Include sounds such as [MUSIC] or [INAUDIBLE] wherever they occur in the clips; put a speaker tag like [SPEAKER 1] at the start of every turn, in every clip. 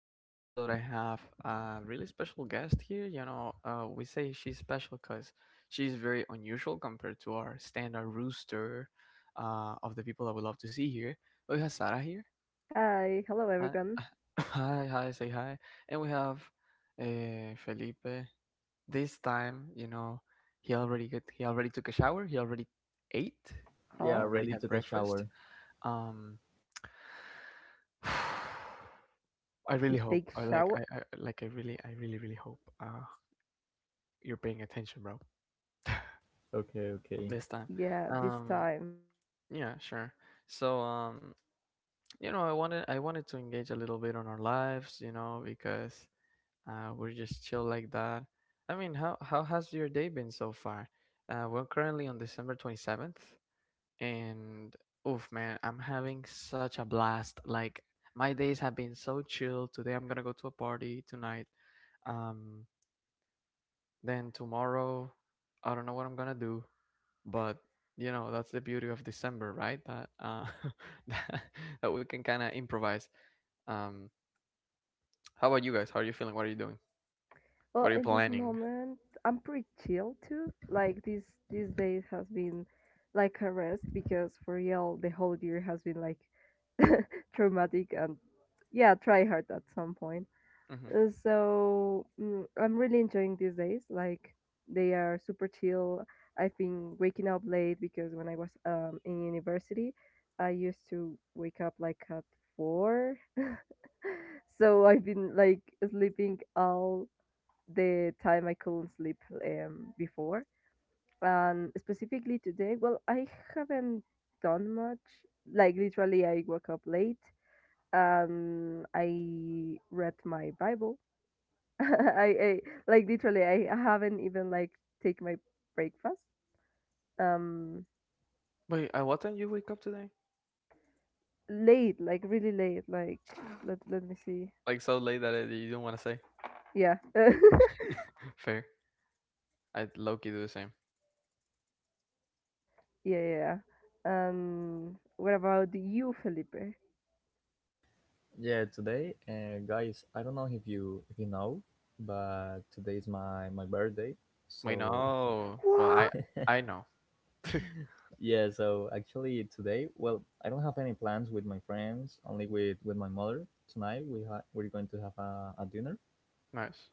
[SPEAKER 1] another episode. I have a really special guest here. We say she's special because she's very unusual compared to our standard rooster of the people that we love to see here. We have Sarah here.
[SPEAKER 2] Hi, hello
[SPEAKER 1] Hi,
[SPEAKER 2] everyone.
[SPEAKER 1] [LAUGHS] hi, hi, say hi. And we have Felipe. This time, he already took a shower. He already ate.
[SPEAKER 3] Yeah,
[SPEAKER 2] Huh?
[SPEAKER 1] He already
[SPEAKER 3] ready
[SPEAKER 1] had
[SPEAKER 3] to get
[SPEAKER 1] breakfast.
[SPEAKER 3] shower.
[SPEAKER 1] Um. [SIGHS] I really
[SPEAKER 2] He
[SPEAKER 1] hope. I
[SPEAKER 2] takes
[SPEAKER 1] like.
[SPEAKER 2] shower?
[SPEAKER 1] I like. I really. I really. Really hope you're paying attention, bro.
[SPEAKER 3] Okay, okay.
[SPEAKER 1] This time.
[SPEAKER 2] Yeah, this
[SPEAKER 1] Um.
[SPEAKER 2] time.
[SPEAKER 1] Yeah. Sure. So. I wanted to engage a little bit on our lives. Because we're just chill like that. I mean, how has your day been so far? We're currently on December 27th, and oof, man, I'm having such a blast. Like my days have been so chill. Today, I'm gonna go to a party tonight. Um Then tomorrow, I don't know what I'm gonna do, but you know that's the beauty of December, right? That [LAUGHS] that, that we can kind of improvise. Um, how about you guys? How are you feeling? What are you doing?
[SPEAKER 2] Well,
[SPEAKER 1] What are you
[SPEAKER 2] in this
[SPEAKER 1] planning?
[SPEAKER 2] moment, I'm pretty chill too. Like this day has been like a rest because for real, the whole year has been like traumatic and yeah, try hard at some point.
[SPEAKER 1] Hmm.
[SPEAKER 2] So I'm really enjoying these days. Like they are super chill. I've been waking up late because when I was in university, I used to wake up like at four. [LAUGHS] So I've been like sleeping all the time I couldn't sleep before. And specifically today, well, I haven't done much. Like literally, I woke up late and I read my Bible. [LAUGHS] I like literally, I haven't even like take my breakfast. Um,
[SPEAKER 1] Wait, at what time you wake up today?
[SPEAKER 2] late, like really late. Like let me see.
[SPEAKER 1] Like so late that you don't want to say.
[SPEAKER 2] Yeah. [LAUGHS]
[SPEAKER 1] [LAUGHS] Fair. I low key do the same.
[SPEAKER 2] Yeah, yeah, yeah. What about you, Felipe?
[SPEAKER 3] Yeah, today, guys, I don't know if you know, but today is my birthday.
[SPEAKER 1] Wait,
[SPEAKER 3] So
[SPEAKER 1] no. Well, I
[SPEAKER 2] What?
[SPEAKER 1] I know. [LAUGHS]
[SPEAKER 3] yeah, so actually today, well, I don't have any plans with my friends, only with my mother. Tonight we're going to have a dinner,
[SPEAKER 1] Nice.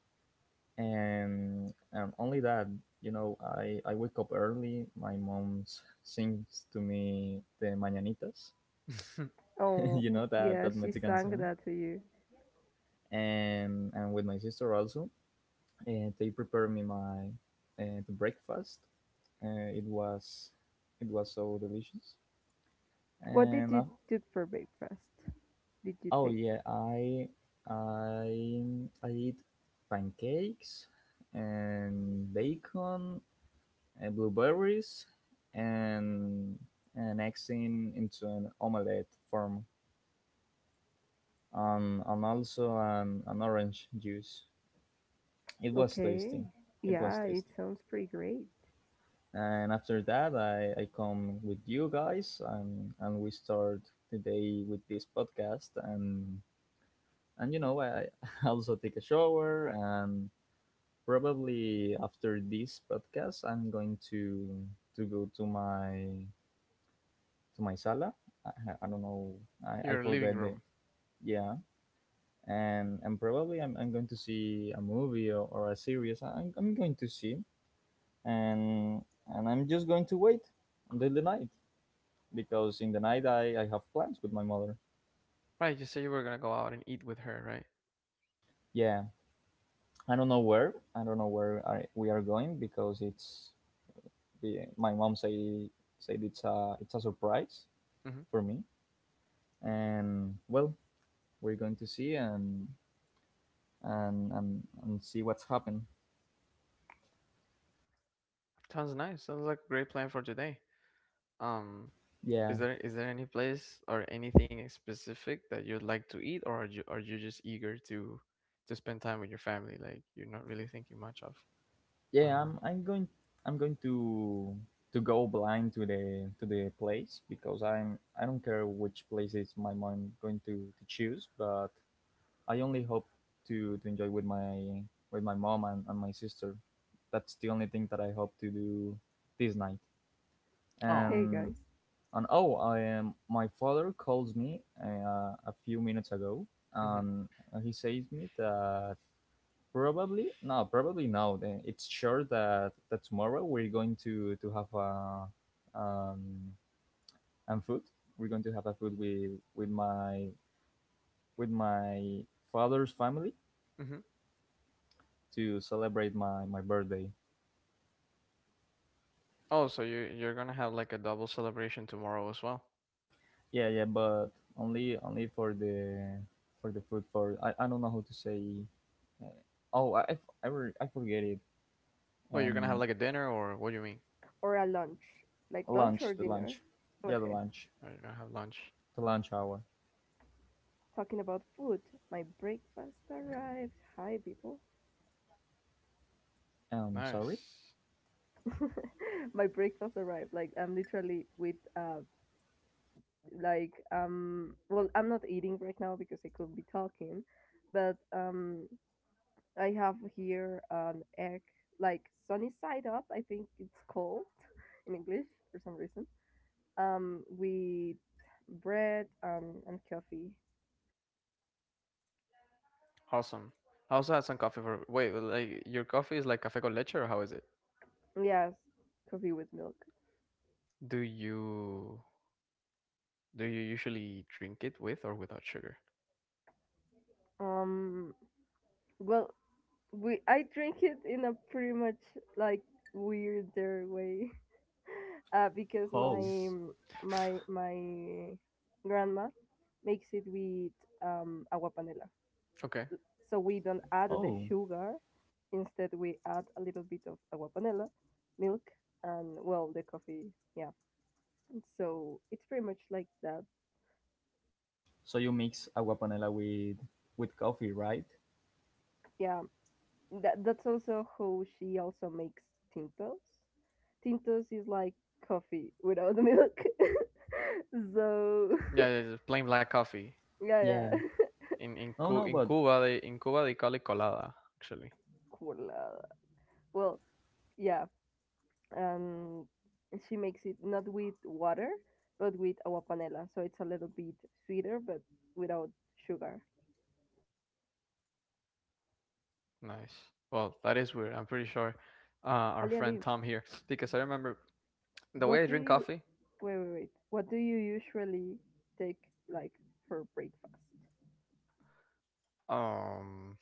[SPEAKER 3] and only that. You know, I wake up early. My mom sings to me the mañanitas.
[SPEAKER 1] [LAUGHS]
[SPEAKER 3] [LAUGHS] You
[SPEAKER 2] Oh,
[SPEAKER 3] know that
[SPEAKER 2] yeah,
[SPEAKER 3] that
[SPEAKER 2] she
[SPEAKER 3] Mexican
[SPEAKER 2] sang
[SPEAKER 3] song,
[SPEAKER 2] that to you.
[SPEAKER 3] and with my sister also, and they prepared me my the breakfast. Uh, it was it was so delicious.
[SPEAKER 2] What did
[SPEAKER 3] And I,
[SPEAKER 2] you do for breakfast? Did you
[SPEAKER 3] oh
[SPEAKER 2] take?
[SPEAKER 3] yeah, I I eat pancakes and bacon and blueberries and an eggs in into an omelette form. And also an orange juice. It was tasty.
[SPEAKER 2] Okay.
[SPEAKER 3] It was
[SPEAKER 2] Yeah, it
[SPEAKER 3] tasty.
[SPEAKER 2] sounds pretty great.
[SPEAKER 3] And after that, I come with you guys, and we start the day with this podcast, and you know, I [LAUGHS] also take a shower. And probably after this podcast, I'm going to go to my sala. I, I don't know. I
[SPEAKER 1] Your living
[SPEAKER 3] forget the...
[SPEAKER 1] room.
[SPEAKER 3] yeah. And probably I'm going to see a movie, or a series I'm going to see. And I'm just going to wait until the night, because in the night I have plans with my mother.
[SPEAKER 1] Right, you said you were gonna go out and eat with her, right?
[SPEAKER 3] Yeah, I don't know where. I don't know where we are going, because it's my mom say said it's a surprise
[SPEAKER 1] Mm-hmm.
[SPEAKER 3] for me. And well, we're going to see, and and see what's happened.
[SPEAKER 1] Sounds nice. Sounds like a great plan for today. Um, Is
[SPEAKER 3] Yeah,
[SPEAKER 1] there any place or anything specific that you'd like to eat, or are you just eager to spend time with your family? Like you're not really thinking much of.
[SPEAKER 3] yeah.
[SPEAKER 1] Um.
[SPEAKER 3] I'm going to go blind to the place because I don't care which place is my mom going to choose, but I only hope to enjoy with my mom and my sister. That's the only thing that I hope to do this night.
[SPEAKER 1] Oh.
[SPEAKER 2] Hey,
[SPEAKER 3] And
[SPEAKER 2] guys.
[SPEAKER 3] and oh, I am. my father calls me a few minutes ago,
[SPEAKER 1] Mhm.
[SPEAKER 3] and he says me that probably no, probably no. then It's sure that tomorrow we're going to have a um and food. We're going to have a food with my with my father's family
[SPEAKER 1] Mhm.
[SPEAKER 3] to celebrate my birthday.
[SPEAKER 1] Oh, so you're gonna have like a double celebration tomorrow as well.
[SPEAKER 3] Yeah, yeah, but only for the food I don't know how to say. Oh, I f- I, re- I forget it.
[SPEAKER 1] Well, you're gonna have
[SPEAKER 3] Um,
[SPEAKER 1] like a dinner, or what do you mean?
[SPEAKER 2] Or a lunch. Like lunch or
[SPEAKER 3] the
[SPEAKER 2] dinner?
[SPEAKER 3] lunch. Yeah, the
[SPEAKER 2] Okay.
[SPEAKER 3] lunch,
[SPEAKER 1] Are you gonna have lunch?
[SPEAKER 3] the lunch hour.
[SPEAKER 2] Talking about food, my breakfast arrived. Hi, people.
[SPEAKER 3] Sorry.
[SPEAKER 1] Nice.
[SPEAKER 2] [LAUGHS] My breakfast arrived. Like, I'm literally with a like well, I'm not eating right now because I could be talking, but I have here an egg, like sunny side up, I think it's called [LAUGHS] in English for some reason, with bread and coffee.
[SPEAKER 1] Awesome. I also had some coffee for. Wait, like your coffee is like café con leche, or how is it?
[SPEAKER 2] Yes, coffee with milk.
[SPEAKER 1] Do you do you usually drink it with or without sugar?
[SPEAKER 2] um well, we I drink it in a pretty much like weirder way, [LAUGHS] because
[SPEAKER 3] Oh,
[SPEAKER 2] my my
[SPEAKER 1] [LAUGHS]
[SPEAKER 2] my grandma makes it with agua panela.
[SPEAKER 1] Okay.
[SPEAKER 2] So we don't add the
[SPEAKER 3] oh.
[SPEAKER 2] sugar. Instead, we add a little bit of agua panela, milk, and well, the coffee. Yeah. So it's pretty much like that.
[SPEAKER 3] So you mix agua panela with coffee, right?
[SPEAKER 2] Yeah. That that's also how she also makes tintos. Tintos is like coffee without the milk. [LAUGHS] So [LAUGHS]
[SPEAKER 1] Yeah, yeah, just plain black coffee.
[SPEAKER 2] yeah, yeah.
[SPEAKER 3] Yeah.
[SPEAKER 2] [LAUGHS]
[SPEAKER 1] In in
[SPEAKER 3] No,
[SPEAKER 1] Cu-
[SPEAKER 3] no,
[SPEAKER 1] in
[SPEAKER 3] but
[SPEAKER 1] Cuba they call it colada, actually.
[SPEAKER 2] Cool. Well, yeah. Um, she makes it not with water, but with agua panela. So it's a little bit sweeter, but without sugar.
[SPEAKER 1] Nice. Well, that is weird. I'm pretty sure our
[SPEAKER 2] Ali,
[SPEAKER 1] friend
[SPEAKER 2] Ali,
[SPEAKER 1] Tom here because I remember the way
[SPEAKER 2] what
[SPEAKER 1] I
[SPEAKER 2] do
[SPEAKER 1] drink
[SPEAKER 2] you
[SPEAKER 1] coffee.
[SPEAKER 2] wait, wait, wait? What do you usually take, like, for breakfast?
[SPEAKER 1] Um,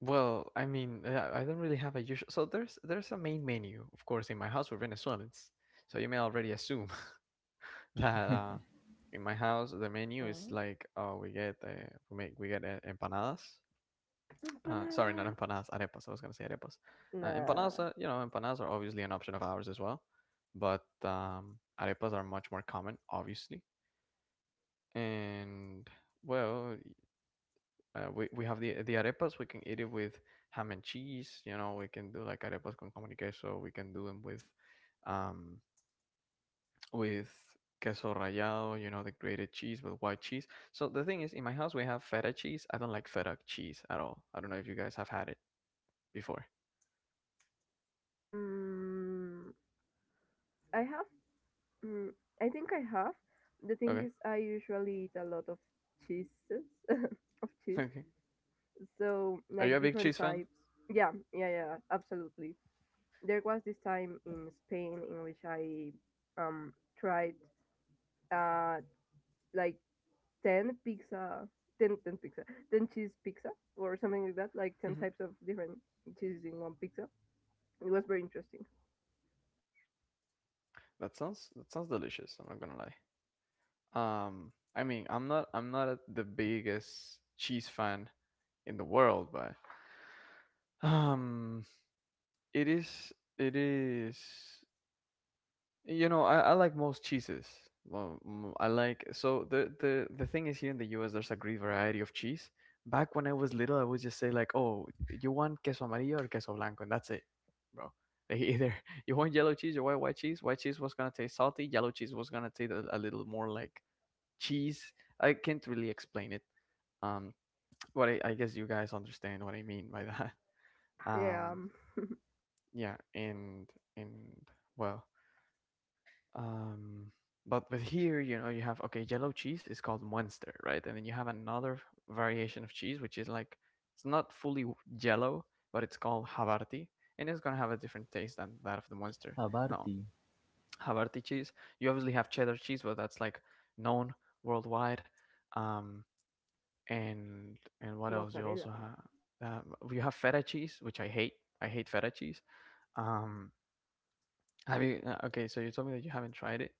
[SPEAKER 1] well, I mean, I don't really have a usual. So there's a main menu, of course, in my house we're Venezuelans. So you may already assume [LAUGHS] that in my house the menu
[SPEAKER 2] Uh,
[SPEAKER 1] is like we get empanadas. Sorry,
[SPEAKER 2] empanada.
[SPEAKER 1] not empanadas, arepas. I was going to say arepas. Empanadas,
[SPEAKER 2] Nah.
[SPEAKER 1] are, you know, empanadas are obviously an option of ours as well, but arepas are much more common, obviously. And well, we have the arepas. We can eat it with ham and cheese. We can do like arepas con jamón y queso. We can do them with um, with queso rallado. The grated cheese with white cheese. So the thing is, in my house we have feta cheese. I don't like feta cheese at all. I don't know if you guys have had it before.
[SPEAKER 2] Mm, I have. Mm, I think I have. The thing
[SPEAKER 1] Okay.
[SPEAKER 2] is, I usually eat a lot of cheeses, [LAUGHS] of
[SPEAKER 1] [LAUGHS]
[SPEAKER 2] cheese,
[SPEAKER 1] Okay.
[SPEAKER 2] so
[SPEAKER 1] Are you
[SPEAKER 2] like
[SPEAKER 1] a big
[SPEAKER 2] different
[SPEAKER 1] cheese fan?
[SPEAKER 2] types. Yeah, yeah, yeah, absolutely. There was this time in Spain in which I um tried uh like 10 pizza, 10 10 pizza, 10 cheese pizza, or something like that, like 10
[SPEAKER 1] Mhm.
[SPEAKER 2] types of different cheeses in one pizza. It was very interesting.
[SPEAKER 1] That sounds delicious. I'm not gonna lie. I mean, I'm not the biggest cheese fan in the world, but um, it is it is I like most cheeses. Well, I like so the thing is here in the U.S. there's a great variety of cheese. Back when I was little, I would just say like, "Oh, you want queso amarillo or queso blanco," and that's it, bro. Like, either [LAUGHS] you want yellow cheese or white cheese. White cheese was gonna taste salty. Yellow cheese was gonna taste a little more like cheese. I can't really explain it. Um, but I guess you guys understand what I mean by that. [LAUGHS]
[SPEAKER 2] Yeah.
[SPEAKER 1] Um, yeah, and well, Um, but with here, you have okay, yellow cheese is called Munster, right? And then you have another variation of cheese which is like it's not fully yellow, but it's called Havarti, and it's gonna have a different taste than that of the Munster. Now,
[SPEAKER 3] habarti
[SPEAKER 1] Havarti cheese, you obviously have cheddar cheese, but that's like known worldwide. Um, and what else? You
[SPEAKER 2] Mozzarella.
[SPEAKER 1] also have feta cheese, which I hate. I hate feta cheese. Um, have you? Okay, so you told me that you haven't tried it.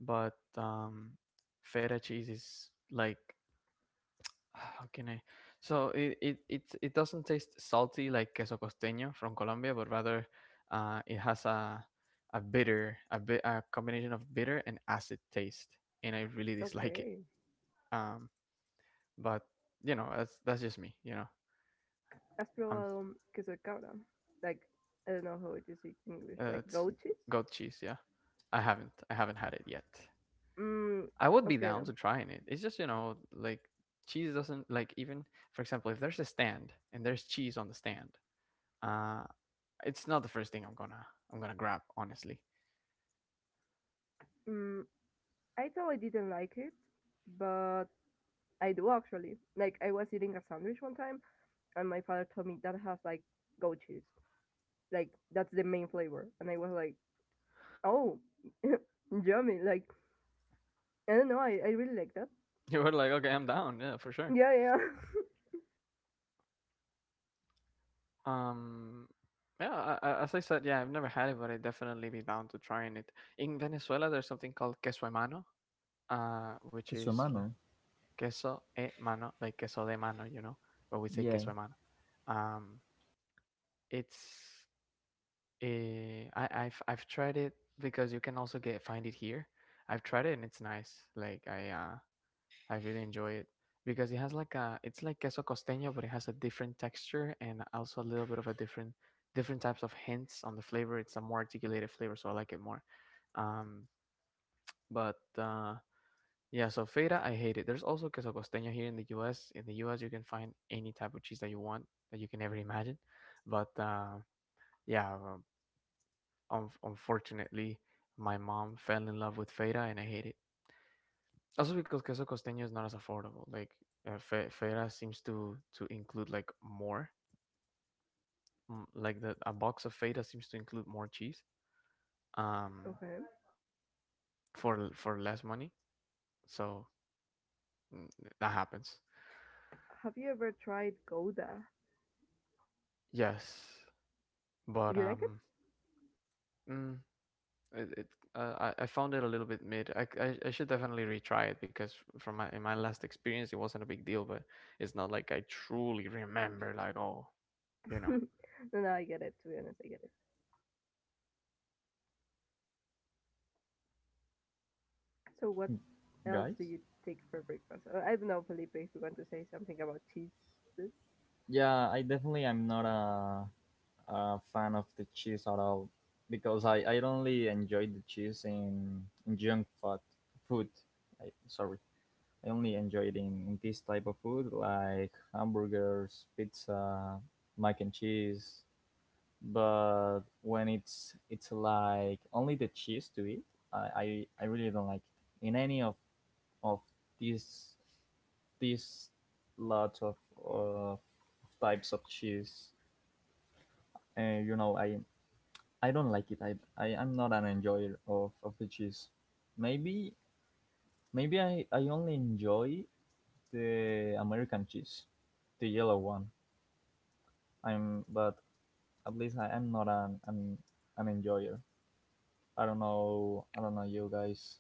[SPEAKER 1] But feta cheese is like [SIGHS] how can I? So it doesn't taste salty like queso costeño from Colombia, but rather it has a combination of bitter and acid taste, and I really dislike it.
[SPEAKER 2] Okay.
[SPEAKER 1] Um, but you know that's just me. You know,
[SPEAKER 2] Has
[SPEAKER 1] I'm
[SPEAKER 2] probado queso de cabra, like, I don't know how it is in English, like
[SPEAKER 1] it's
[SPEAKER 2] goat cheese.
[SPEAKER 1] goat cheese. Yeah, I haven't had it yet.
[SPEAKER 2] Mm.
[SPEAKER 1] I would be
[SPEAKER 2] Okay.
[SPEAKER 1] down to trying it. It's just, like cheese doesn't like even for example, if there's a stand and there's cheese on the stand, uh it's not the first thing I'm gonna grab, honestly. [LAUGHS]
[SPEAKER 2] Mm, I thought I didn't like it, but I do actually. Like I was eating a sandwich one time, and my father told me that has like goat cheese, like that's the main flavor, and I was like, oh, [LAUGHS] yummy! Like I don't know, I really like that.
[SPEAKER 1] You were like, okay, I'm down, yeah, for sure.
[SPEAKER 2] Yeah, yeah.
[SPEAKER 1] Um yeah, as I said, yeah, I've never had it, but I'd definitely be down to trying it. In Venezuela, there's something called queso e mano, which
[SPEAKER 3] que su
[SPEAKER 1] is la
[SPEAKER 3] mano.
[SPEAKER 1] queso e mano, like queso de mano, but we say
[SPEAKER 3] Yeah,
[SPEAKER 1] queso e mano. Um, it's I've tried it because you can also get find it here. I've tried it and it's nice. Like I really enjoy it because it's like queso costeño but it has a different texture and also a little bit of a different types of hints on the flavor. It's a more articulated flavor, so I like it more. Um, but yeah, so feta I hate it. There's also queso costeño here in the U.S. In the U.S. you can find any type of cheese that you want that you can ever imagine, but yeah, unfortunately, my mom fell in love with Feta, and I hate it. Also because queso costeño is not as affordable. Like Feta seems to include like more, like the a box of Feta seems to include more cheese,
[SPEAKER 2] [LAUGHS]
[SPEAKER 1] um,
[SPEAKER 2] Okay.
[SPEAKER 1] for for less money. So mm, that happens.
[SPEAKER 2] Have you ever tried Gouda?
[SPEAKER 1] Yes, but
[SPEAKER 2] You like it?
[SPEAKER 1] mm, It, it I found it a little bit mid. I should definitely retry it because from my in my last experience it wasn't a big deal, but it's not like I truly remember like oh, you know.
[SPEAKER 2] [LAUGHS] No, no, I get it. To be honest, I get it. So what else do
[SPEAKER 3] guys.
[SPEAKER 2] you take for breakfast? I don't know, Felipe, if you want to say something about cheeses.
[SPEAKER 3] Yeah, I definitely am not a fan of the cheese at all, because I only enjoy the cheese in junk food. Food, sorry. I only enjoy it in this type of food, like hamburgers, pizza, mac and cheese. But when it's like only the cheese to eat, I really don't like it. In any of these these lots of uh, types of cheese, and you know, I don't like it. I am not an enjoyer of the cheese. Maybe maybe I only enjoy the American cheese, the yellow one. I'm but at least I'm not an, an enjoyer. I don't know you guys,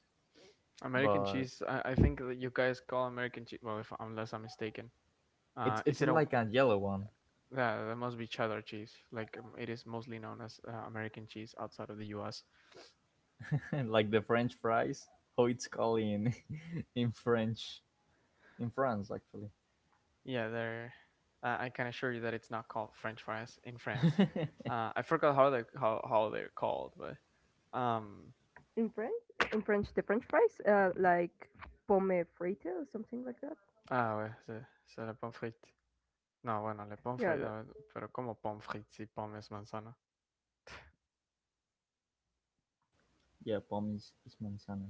[SPEAKER 1] American
[SPEAKER 3] but
[SPEAKER 1] cheese. I think that you guys call American cheese. Well, if unless I'm mistaken,
[SPEAKER 3] it's
[SPEAKER 1] is
[SPEAKER 3] it's
[SPEAKER 1] it a
[SPEAKER 3] like a yellow one,
[SPEAKER 1] yeah, that must be cheddar cheese. Like it is mostly known as American cheese outside of the U.S.
[SPEAKER 3] [LAUGHS] like the French fries. How it's called in [LAUGHS] in French, in France actually.
[SPEAKER 1] Yeah, there. I can assure you that it's not called French fries in France. I forgot how they're called, but um
[SPEAKER 2] In French, in French, the French fries, like pomme frite or something like that.
[SPEAKER 1] ah ouais, c'est le pommes frites. No, bueno, le pommes
[SPEAKER 2] Yeah,
[SPEAKER 1] frites.
[SPEAKER 2] that.
[SPEAKER 1] Pero como pommes frites si pomme es manzana.
[SPEAKER 3] Yeah, pomme is manzana.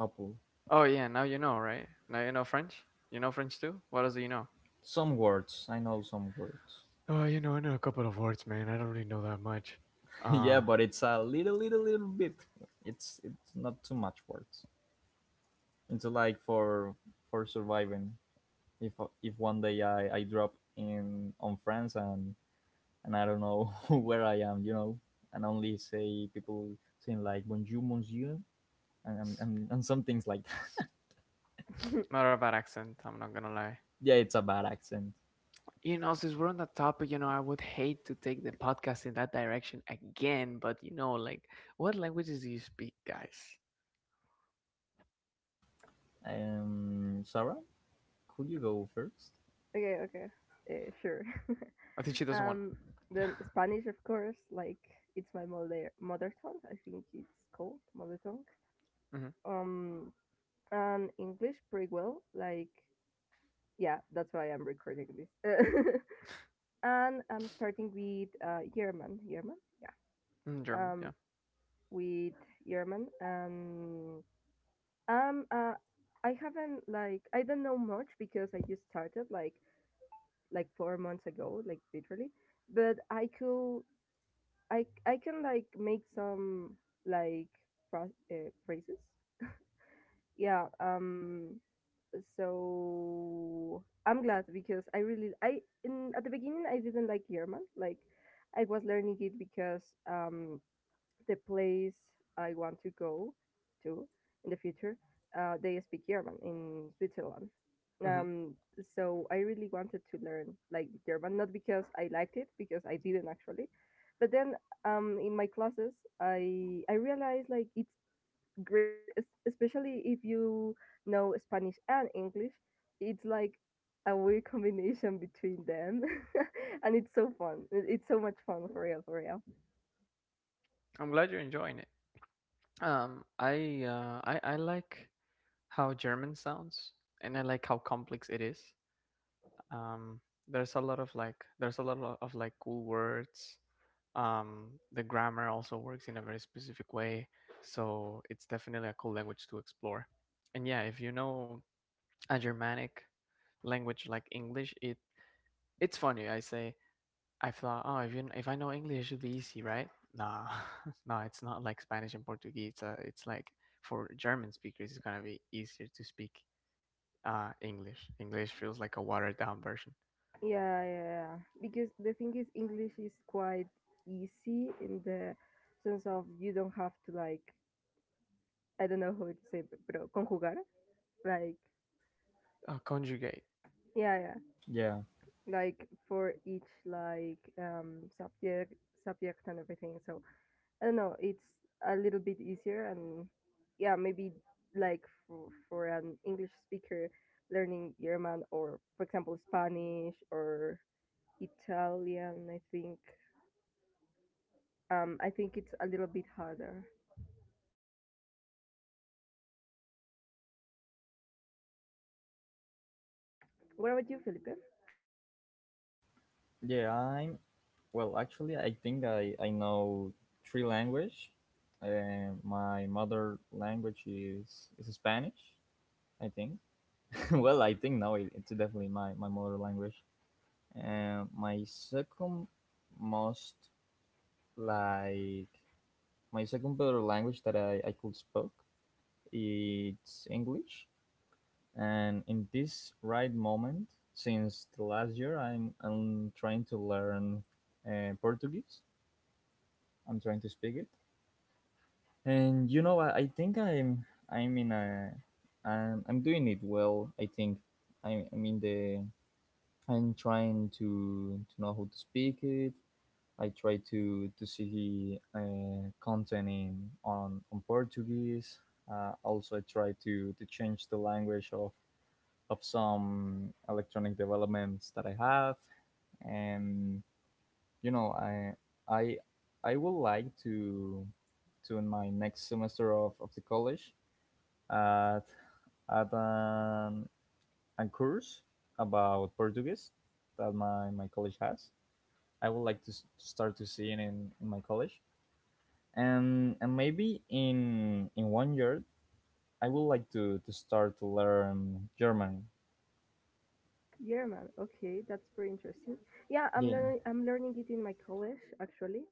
[SPEAKER 3] Apple.
[SPEAKER 1] Oh yeah, now you know, right? Now you know French. You know French too. What else do you know?
[SPEAKER 3] Some words. I know some words.
[SPEAKER 1] Oh, I know a couple of words, man. I don't really know that much.
[SPEAKER 3] [LAUGHS] Yeah,
[SPEAKER 1] Uh,
[SPEAKER 3] but it's a little, little, little bit. It's not too much words. It's like for surviving. If if one day I drop in on France, and I don't know [LAUGHS] where I am, and only say people saying like bonjour, monsieur, and some things like that. [LAUGHS]
[SPEAKER 2] [LAUGHS]
[SPEAKER 1] not a bad accent. I'm not gonna lie.
[SPEAKER 3] Yeah, it's a bad accent.
[SPEAKER 1] Since we're on that topic, I would hate to take the podcast in that direction again, but like, what languages do you speak, guys?
[SPEAKER 3] Sarah, could you go first?
[SPEAKER 2] okay, okay, sure. [LAUGHS]
[SPEAKER 1] I think she doesn't want.
[SPEAKER 2] um, then Spanish, of course, like it's my mother tongue. I think it's called mother tongue.
[SPEAKER 1] Hmm.
[SPEAKER 2] Um, and English pretty well. Like, yeah, that's why I'm recording this. [LAUGHS] And I'm starting with German, German,
[SPEAKER 1] Mm, German.
[SPEAKER 2] yeah.
[SPEAKER 1] Yeah.
[SPEAKER 2] With German and Um, uh, I haven't, like, I don't know much because I just started like 4 months ago, like literally. But I could, I can like make some like phrases. Yeah. So I'm glad because I really I in at the beginning I didn't like German. Like I was learning it because um the place I want to go to in the future, they speak German in Switzerland.
[SPEAKER 1] Hmm.
[SPEAKER 2] Um, so I really wanted to learn, like, German, not because I liked it, because I didn't actually. But then in my classes, I realized like it's especially if you know Spanish and English, it's like a weird combination between them, [LAUGHS] and it's so fun. It's so much fun for real, for real.
[SPEAKER 1] I'm glad you're enjoying it. I like how German sounds, and I like how complex it is. Um, there's a lot of like cool words. The grammar also works in a very specific way, so it's definitely a cool language to explore. And yeah, if you know a Germanic language like English, it's funny. I thought, oh, if I know English, it should be easy, right? Nah, [LAUGHS] nah, it's not like Spanish and Portuguese. It's like for German speakers, it's gonna be easier to speak English. English feels like a watered down version.
[SPEAKER 2] Yeah, yeah, yeah. Because the thing is, English is quite easy in the sense of you don't have to, like, I don't know how to say, but pero conjugar, like,
[SPEAKER 1] Conjugate.
[SPEAKER 2] yeah, yeah,
[SPEAKER 3] Yeah,
[SPEAKER 2] like for each, like, subject, subject and everything. So I don't know, it's a little bit easier, and yeah, maybe like for an English speaker learning German or for example Spanish or Italian, I think it's a little bit harder. What about you, Felipe?
[SPEAKER 3] yeah. I'm Well, actually, I think I know three language. My mother language is Spanish, I think. [LAUGHS] Well, I think now it's definitely my mother language. And my second most like better language that I could spoke it's English. And in this right moment, since the last year, I'm trying to learn Portuguese. I'm trying to speak it. And you know, I think I'm in a... I'm doing it well, I think. I i mean the i'm trying to know how to speak it. I try to see content in on Portuguese. Also, I try to change the language of some electronic developments that I have. And you know, i I would like to in my next semester of the college at at a course about Portuguese that my college has. I would like to start to see it in my college. And maybe in one year, I would like to start to learn German.
[SPEAKER 2] German. Okay, that's pretty interesting. Yeah, I'm
[SPEAKER 3] Yeah.
[SPEAKER 2] learning. I'm learning it in my college actually.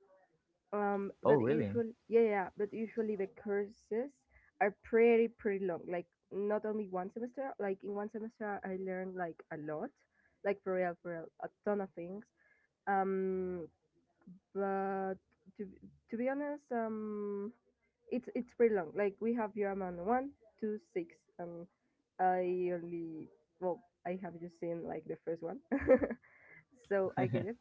[SPEAKER 3] Oh,
[SPEAKER 2] But
[SPEAKER 3] really?
[SPEAKER 2] usually, yeah, yeah. But usually the courses are pretty pretty long. Like not only one semester. Like in one semester, I learned like a lot, like for real, a ton of things. Um, but to to be honest, it's pretty long. Like we have Yuraman one, two, six, and I only, well, I have just seen like the first one, [LAUGHS] so I get it.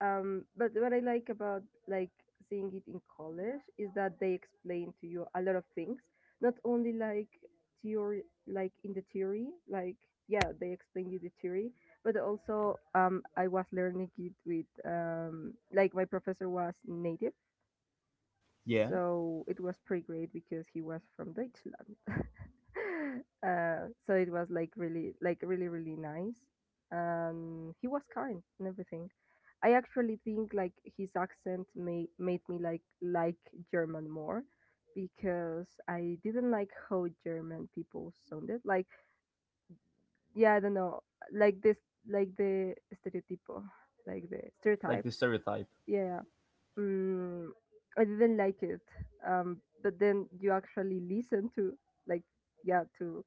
[SPEAKER 2] But what I like about, like, seeing it in college is that they explain to you a lot of things, not only like theory, like in the theory, like yeah they explain you the theory, but also I was learning it with like my professor was native,
[SPEAKER 3] Yeah,
[SPEAKER 2] so it was pretty great because he was from Deutschland. [LAUGHS] So it was like really, really nice. And he was kind and everything. I actually think like his accent made me like German more because I didn't like how German people sounded. Like yeah, I don't know, like this, like the stereotypo, like the
[SPEAKER 3] like
[SPEAKER 2] stereotype.
[SPEAKER 3] the stereotype.
[SPEAKER 2] Yeah, yeah, mm, I didn't like it. But then you actually listen to, like, yeah, to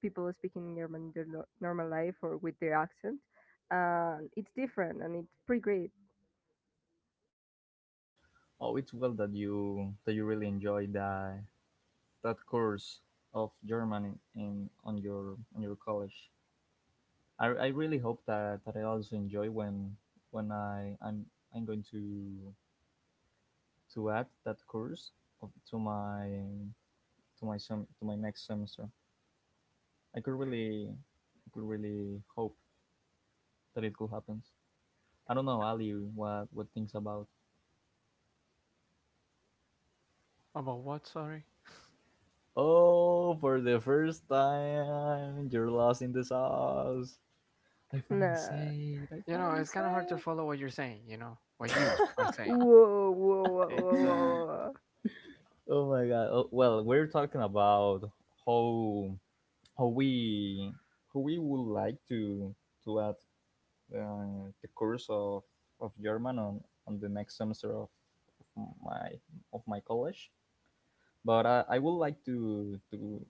[SPEAKER 2] people speaking in German in their normal life or with their accent. And it's different and it's pretty great.
[SPEAKER 3] Oh, it's well that you really enjoy that course of German in on your college. I really hope that I also enjoy when I'm going to add that course of, to my sem- to my next semester. I could really hope that it could happen. I don't know, Ali, what things about.
[SPEAKER 1] About what? Sorry.
[SPEAKER 3] Oh, for the first time, you're lost in the sauce. I finally
[SPEAKER 2] Nah.
[SPEAKER 3] say it. I
[SPEAKER 1] You know,
[SPEAKER 3] finally
[SPEAKER 1] it's kind of hard to
[SPEAKER 3] say
[SPEAKER 1] follow what you're saying. You know what you are saying.
[SPEAKER 2] Whoa, whoa, whoa,
[SPEAKER 1] It's
[SPEAKER 2] whoa,
[SPEAKER 3] it. [LAUGHS]
[SPEAKER 1] uh
[SPEAKER 2] whoa.
[SPEAKER 3] Oh my god. Oh, well, we're talking about how how we how we would like to add the course of German on the next semester my of my college. But I would like to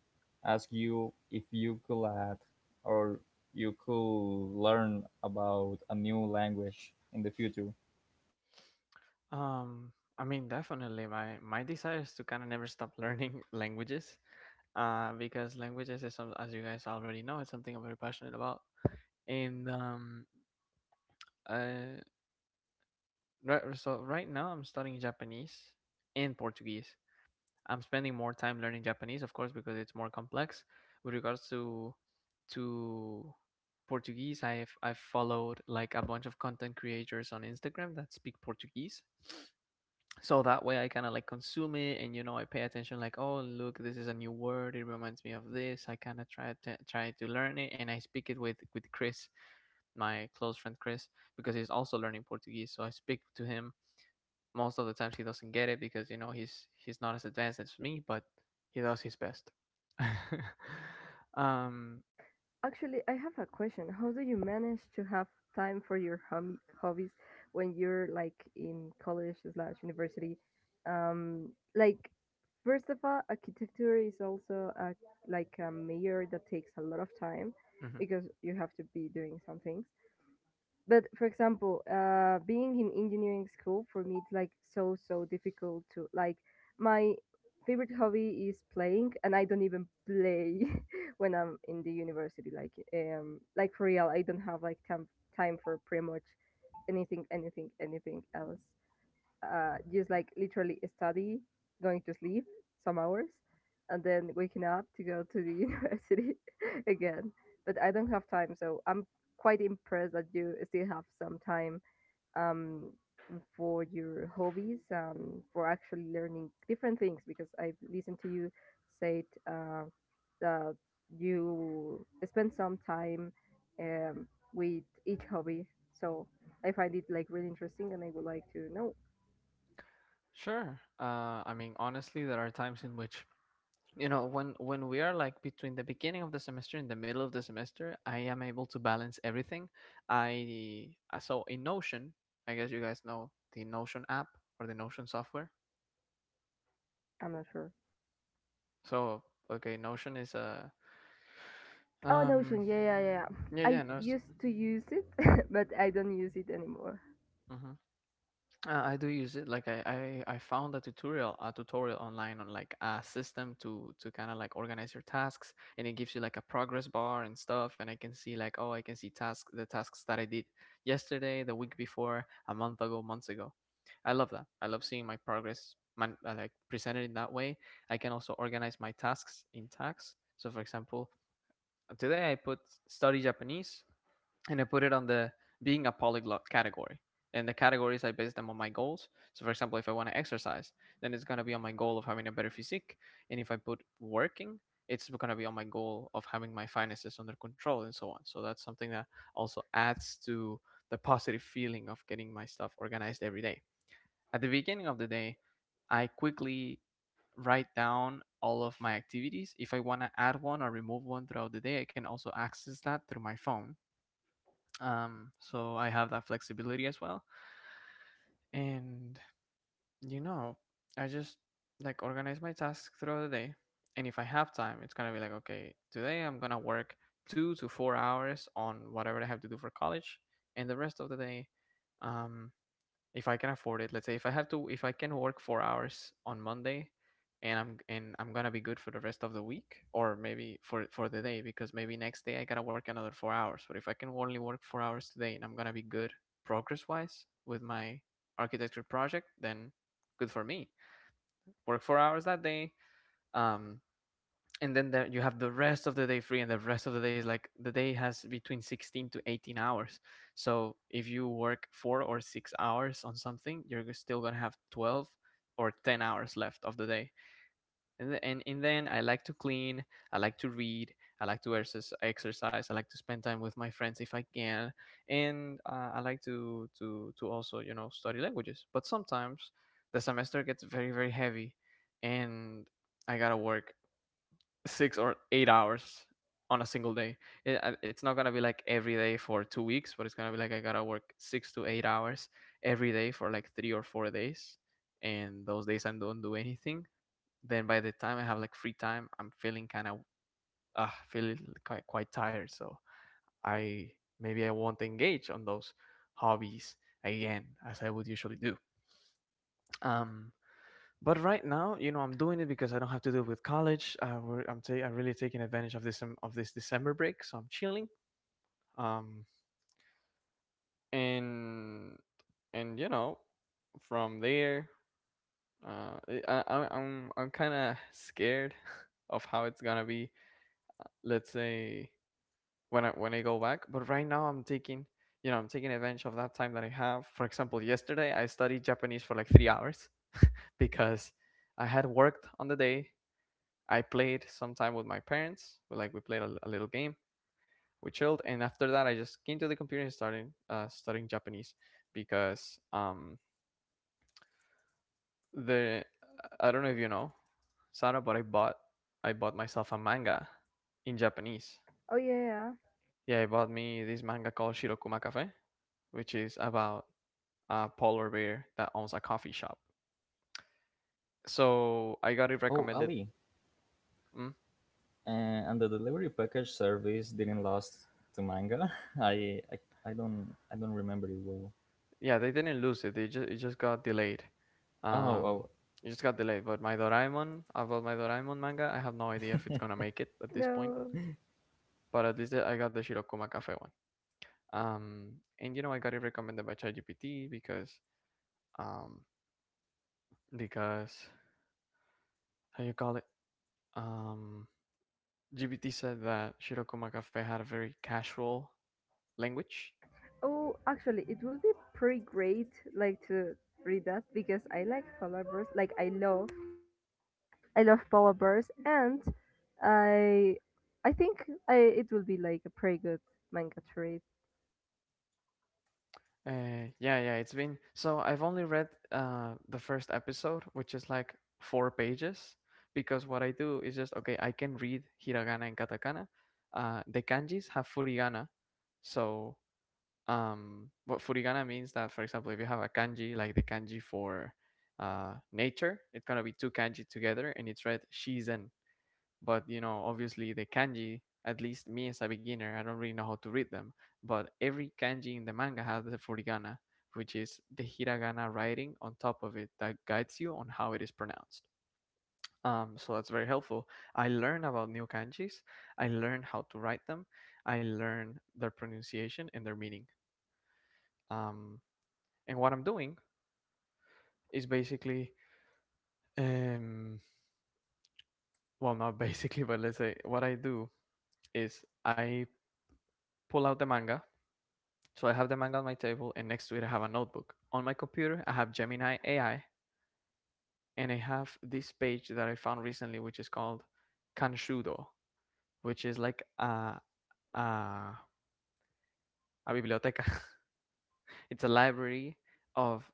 [SPEAKER 3] ask you if you could add or you could learn about a new language in the future.
[SPEAKER 1] um. I mean, definitely my desire is to kind of never stop learning [LAUGHS] languages because languages is as you guys already know, it's something I'm very passionate about. And um, uh, right, so right now I'm studying Japanese and Portuguese. I'm spending more time learning Japanese, of course, because it's more complex. With regards to Portuguese, I've followed like a bunch of content creators on Instagram that speak Portuguese, so that way I kind of like consume it, and you know I pay attention like, oh, look, this is a new word, it reminds me of this. I kind of try to learn it, and I speak it with Chris, my close friend Chris, because he's also learning Portuguese. So I speak to him. Most of the times he doesn't get it because you know he's not as advanced as me, but he does his best. [LAUGHS] um
[SPEAKER 2] Actually, I have a question. How do you manage to have time for your hobbies when you're like in college slash university? Um, like, first of all, architecture is also a, like a major that takes a lot of time
[SPEAKER 1] mhm.
[SPEAKER 2] because you have to be doing some things. But for example, being in engineering school for me it's like so so difficult to, like, my favorite hobby is playing, and I don't even play [LAUGHS] when I'm in the university. Like for real, I don't have like time for pretty much anything, anything, anything else, just like literally study, going to sleep some hours, and then waking up to go to the [LAUGHS] university again. But I don't have time, so I'm quite impressed that you still have some time um, for your hobbies, for actually learning different things. Because I've listened to you say it, that you spend some time um, with each hobby. So I find it like really interesting, and I would like to know.
[SPEAKER 1] Sure. I mean, honestly, there are times in which, you know, when we are like between the beginning of the semester and the middle of the semester, I am able to balance everything. I uh, so in Notion, I guess you guys know the Notion app or the Notion software.
[SPEAKER 2] I'm not sure.
[SPEAKER 1] So okay, Notion is a
[SPEAKER 2] Oh,
[SPEAKER 1] um
[SPEAKER 2] Notion. Yeah, yeah, yeah, yeah.
[SPEAKER 1] yeah, yeah,
[SPEAKER 2] I
[SPEAKER 1] no.
[SPEAKER 2] used to use it, [LAUGHS] but I don't use it anymore.
[SPEAKER 1] I do use it. Like I found a tutorial online on like a system to kind of like organize your tasks, and it gives you like a progress bar and stuff. And I can see like, oh, I can see the tasks that I did yesterday, the week before, a month ago, months ago. I love that. I love seeing my progress, man, like presented in that way. I can also organize my tasks in tags. So for example, today I put study Japanese, and I put it on the being a polyglot category. And the categories I base them on my goals. So for example, if I want to exercise, then it's gonna be on my goal of having a better physique. And if I put working, it's gonna be on my goal of having my finances under control and so on. So that's something that also adds to the positive feeling of getting my stuff organized every day. At the beginning of the day, I quickly write down all of my activities. If I want to add one or remove one throughout the day, I can also access that through my phone, so I have that flexibility as well. And you know, I just like organize my tasks throughout the day, and if I have time, it's gonna be like, okay, today I'm gonna work 2 to 4 hours on whatever I have to do for college, and the rest of the day, um if I can afford it. Let's say if I have to, if I can work 4 hours on Monday, and I'm gonna be good for the rest of the week, or maybe for the day, because maybe next day I gotta work another 4 hours. But if I can only work 4 hours today, and I'm gonna be good progress wise with my architecture project, then good for me. Work 4 hours that day. Um, and then there you have the rest of the day free, and the rest of the day is like the day has between 16 to 18 hours. So if you work 4 or 6 hours on something, you're still gonna have 12 or 10 hours left of the day. And then I like to clean, I like to read, I like to exercise, I like to spend time with my friends if I can, and I like to also, you know, study languages. But sometimes the semester gets very heavy, and I gotta work 6 or 8 hours on a single day. It's not gonna be like every day for 2 weeks, but it's gonna be like I gotta work 6 to 8 hours every day for like 3 or 4 days, and those days I don't do anything. Then by the time I have like free time, I'm feeling kind of feeling quite tired. So I maybe I won't engage on those hobbies again as I would usually do. Um, but right now, you know, I'm doing it because I don't have to deal with college. I'm really taking advantage of this December break, so I'm chilling. Um, and you know, from there, I'm kind of scared [LAUGHS] of how it's gonna be. Let's say when I go back. But right now, I'm taking, I'm taking advantage of that time that I have. For example, yesterday I studied Japanese for like 3 hours because I had worked on the day. I played some time with my parents. Like we played a little game. We chilled, and after that, I just came to the computer and started studying Japanese, because the I don't know if you know, Sarah, but I bought myself a manga in Japanese.
[SPEAKER 2] Oh, yeah, yeah, yeah.
[SPEAKER 1] Yeah, I bought me this manga called Shirokuma Cafe, which is about a polar bear that owns a coffee shop. So I got it
[SPEAKER 3] Oh,
[SPEAKER 1] recommended.
[SPEAKER 3] Ali,
[SPEAKER 1] Mhm.
[SPEAKER 3] and the delivery package service didn't last to manga. [LAUGHS] I, I I don't remember it well.
[SPEAKER 1] Yeah, they didn't lose it. They just, it just got delayed.
[SPEAKER 3] Oh,
[SPEAKER 1] Um,
[SPEAKER 3] oh.
[SPEAKER 1] it just got delayed. But my Doraemon, about my Doraemon manga, I have no idea if it's gonna make it at this point.
[SPEAKER 2] No.
[SPEAKER 1] But at least I got the Shirokuma Cafe one. Um, and you know, I got it recommended by ChatGPT, um because how you call it um GPT said that Shirokuma Cafe had a very casual language.
[SPEAKER 2] Oh, actually, it will be pretty great, like to read that because I like polar bears. Like I love polar bears, and I, I think I it will be like a pretty good manga to read.
[SPEAKER 1] Yeah, yeah, it's been, so I've only read the first episode, which is like four pages, because what I do is just, okay, I can read hiragana and katakana. The kanjis have furigana, so what furigana means that, for example, if you have a kanji like the kanji for nature, it's gonna be two kanji together, and it's read shizen. But you know, obviously the kanji, at least me as a beginner, I don't really know how to read them. But every kanji in the manga has the furigana, which is the hiragana writing on top of it that guides you on how it is pronounced. Um, so that's very helpful. I learn about new kanjis, I learn how to write them, I learn their pronunciation and their meaning. Um, and what I'm doing is basically, um, well, not [LAUGHS] basically, but let's say what I do is I pull out the manga. So I have the manga on my table, and next to it, I have a notebook. On my computer, I have Gemini AI, and I have this page that I found recently, which is called Kanshudo, which is like a, a biblioteca. [LAUGHS] It's a library of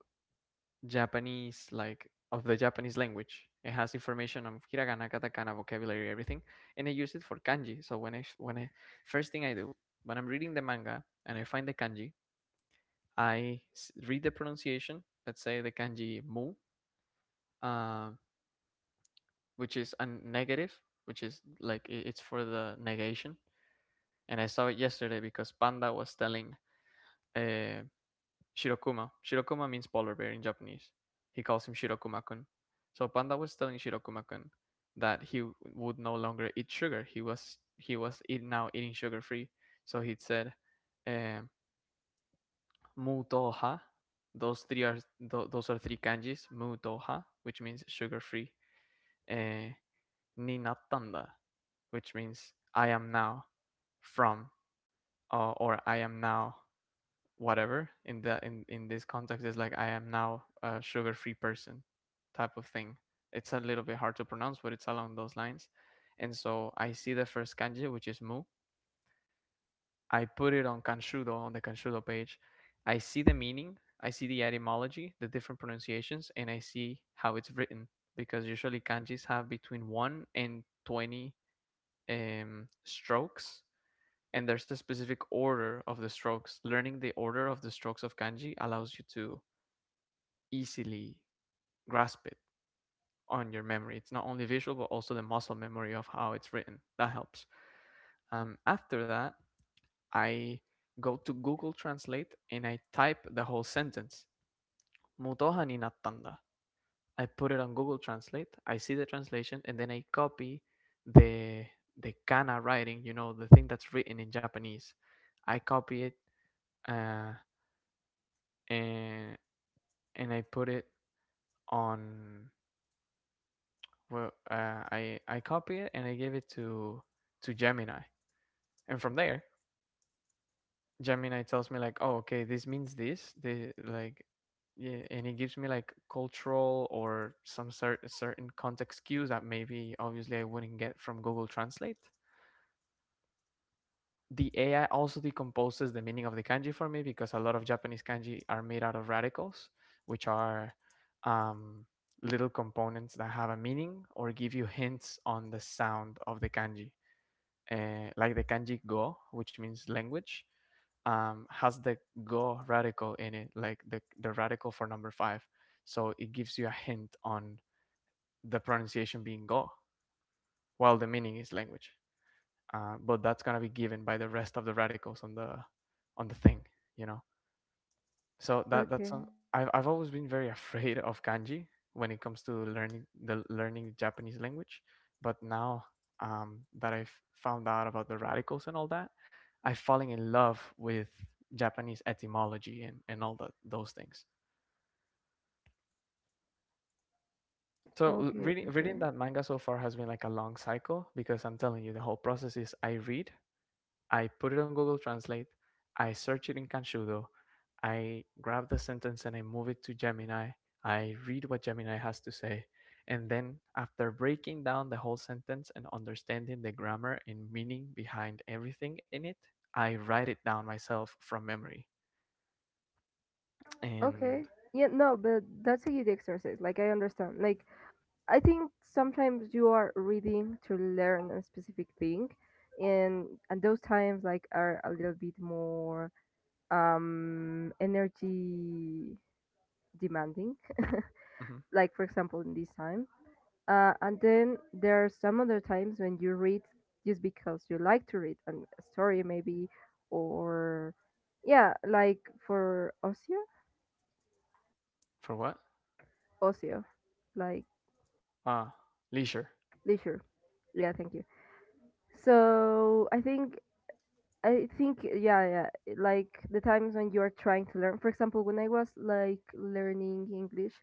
[SPEAKER 1] Japanese, like of the Japanese language. It has information on hiragana, katakana, vocabulary, everything, and I use it for kanji. So when I first thing I do when I'm reading the manga and I find the kanji, I read the pronunciation. Let's say the kanji mu, uh, which is a negative, which is like it's for the negation. And I saw it yesterday because Panda was telling uh, Shirokuma. Shirokuma means polar bear in Japanese. He calls him Shirokuma-kun. So Panda was telling Shirokuma-kun that would no longer eat sugar. Now eating sugar free. So he said, um, "Mutoha." Those are three kanjis. Mutoha, which means sugar free. Uh, ni nattanda, which means I am now from or I am now whatever, in the in this context is like I am now a sugar free person type of thing. It's a little bit hard to pronounce, but it's along those lines. And so I see the first kanji, which is mu. I put it on Kanshudo, on the Kanshudo page. I see the meaning, I see the etymology, the different pronunciations, and I see how it's written, because usually kanjis have between 1 and 20 strokes, and there's a specific order of the strokes. Learning the order of the strokes of kanji allows you to easily grasp it on your memory. It's not only visual, but also the muscle memory of how it's written. That helps. After that, I go to Google Translate and I type the whole sentence. Mutoha ni nattanda. I put it on Google Translate. I see the translation, and then I copy the kana writing, you know, the thing that's written in Japanese. I copy it, uh, and and I put it on. Well, I copy it and I give it to Gemini, and from there, Gemini tells me like, oh, okay, this means this. They like, yeah, and it gives me like cultural or some certain context cues that maybe obviously I wouldn't get from Google Translate. The AI also decomposes the meaning of the kanji for me because a lot of Japanese kanji are made out of radicals, which are um, little components that have a meaning or give you hints on the sound of the kanji. Like the kanji go, which means language, has the go radical in it, like the radical for number five. So it gives you a hint on the pronunciation being go, while the meaning is language, but that's gonna be given by the rest of the radicals on the thing, you know. So that that's
[SPEAKER 2] Okay.
[SPEAKER 1] some- I've always been very [LAUGHS] afraid of kanji when it comes to learning the Japanese language, but now that I've found out about the radicals and all that, I've fallen in love with Japanese etymology and all that those things. So l-
[SPEAKER 2] Okay. Okay.
[SPEAKER 1] reading
[SPEAKER 2] Okay.
[SPEAKER 1] reading that manga so far has been like a long cycle because I'm telling you the whole process is I read. I put it on Google Translate. I search it in Kanshudo. I grab the sentence and I move it to Gemini. I read what Gemini has to say. And then, after breaking down the whole sentence and understanding the grammar and meaning behind everything in it, I write it down myself from memory.
[SPEAKER 2] Okay.
[SPEAKER 1] And
[SPEAKER 2] Yeah. No, but that's a good exercise. Like I understand. Like I think sometimes you are reading to learn a specific thing, and those times like are a little bit more energy demanding.
[SPEAKER 1] Mhm.
[SPEAKER 2] [LAUGHS] Like for example in this time, and then there are some other times when you read just because you like to read an, a story maybe, or yeah, like for ocio,
[SPEAKER 1] For what?
[SPEAKER 2] ocio, like
[SPEAKER 1] Ah, leisure.
[SPEAKER 2] leisure. Yeah, thank you. So I think, I think, yeah, yeah, like the times when you are trying to learn. For example, when I was like learning English,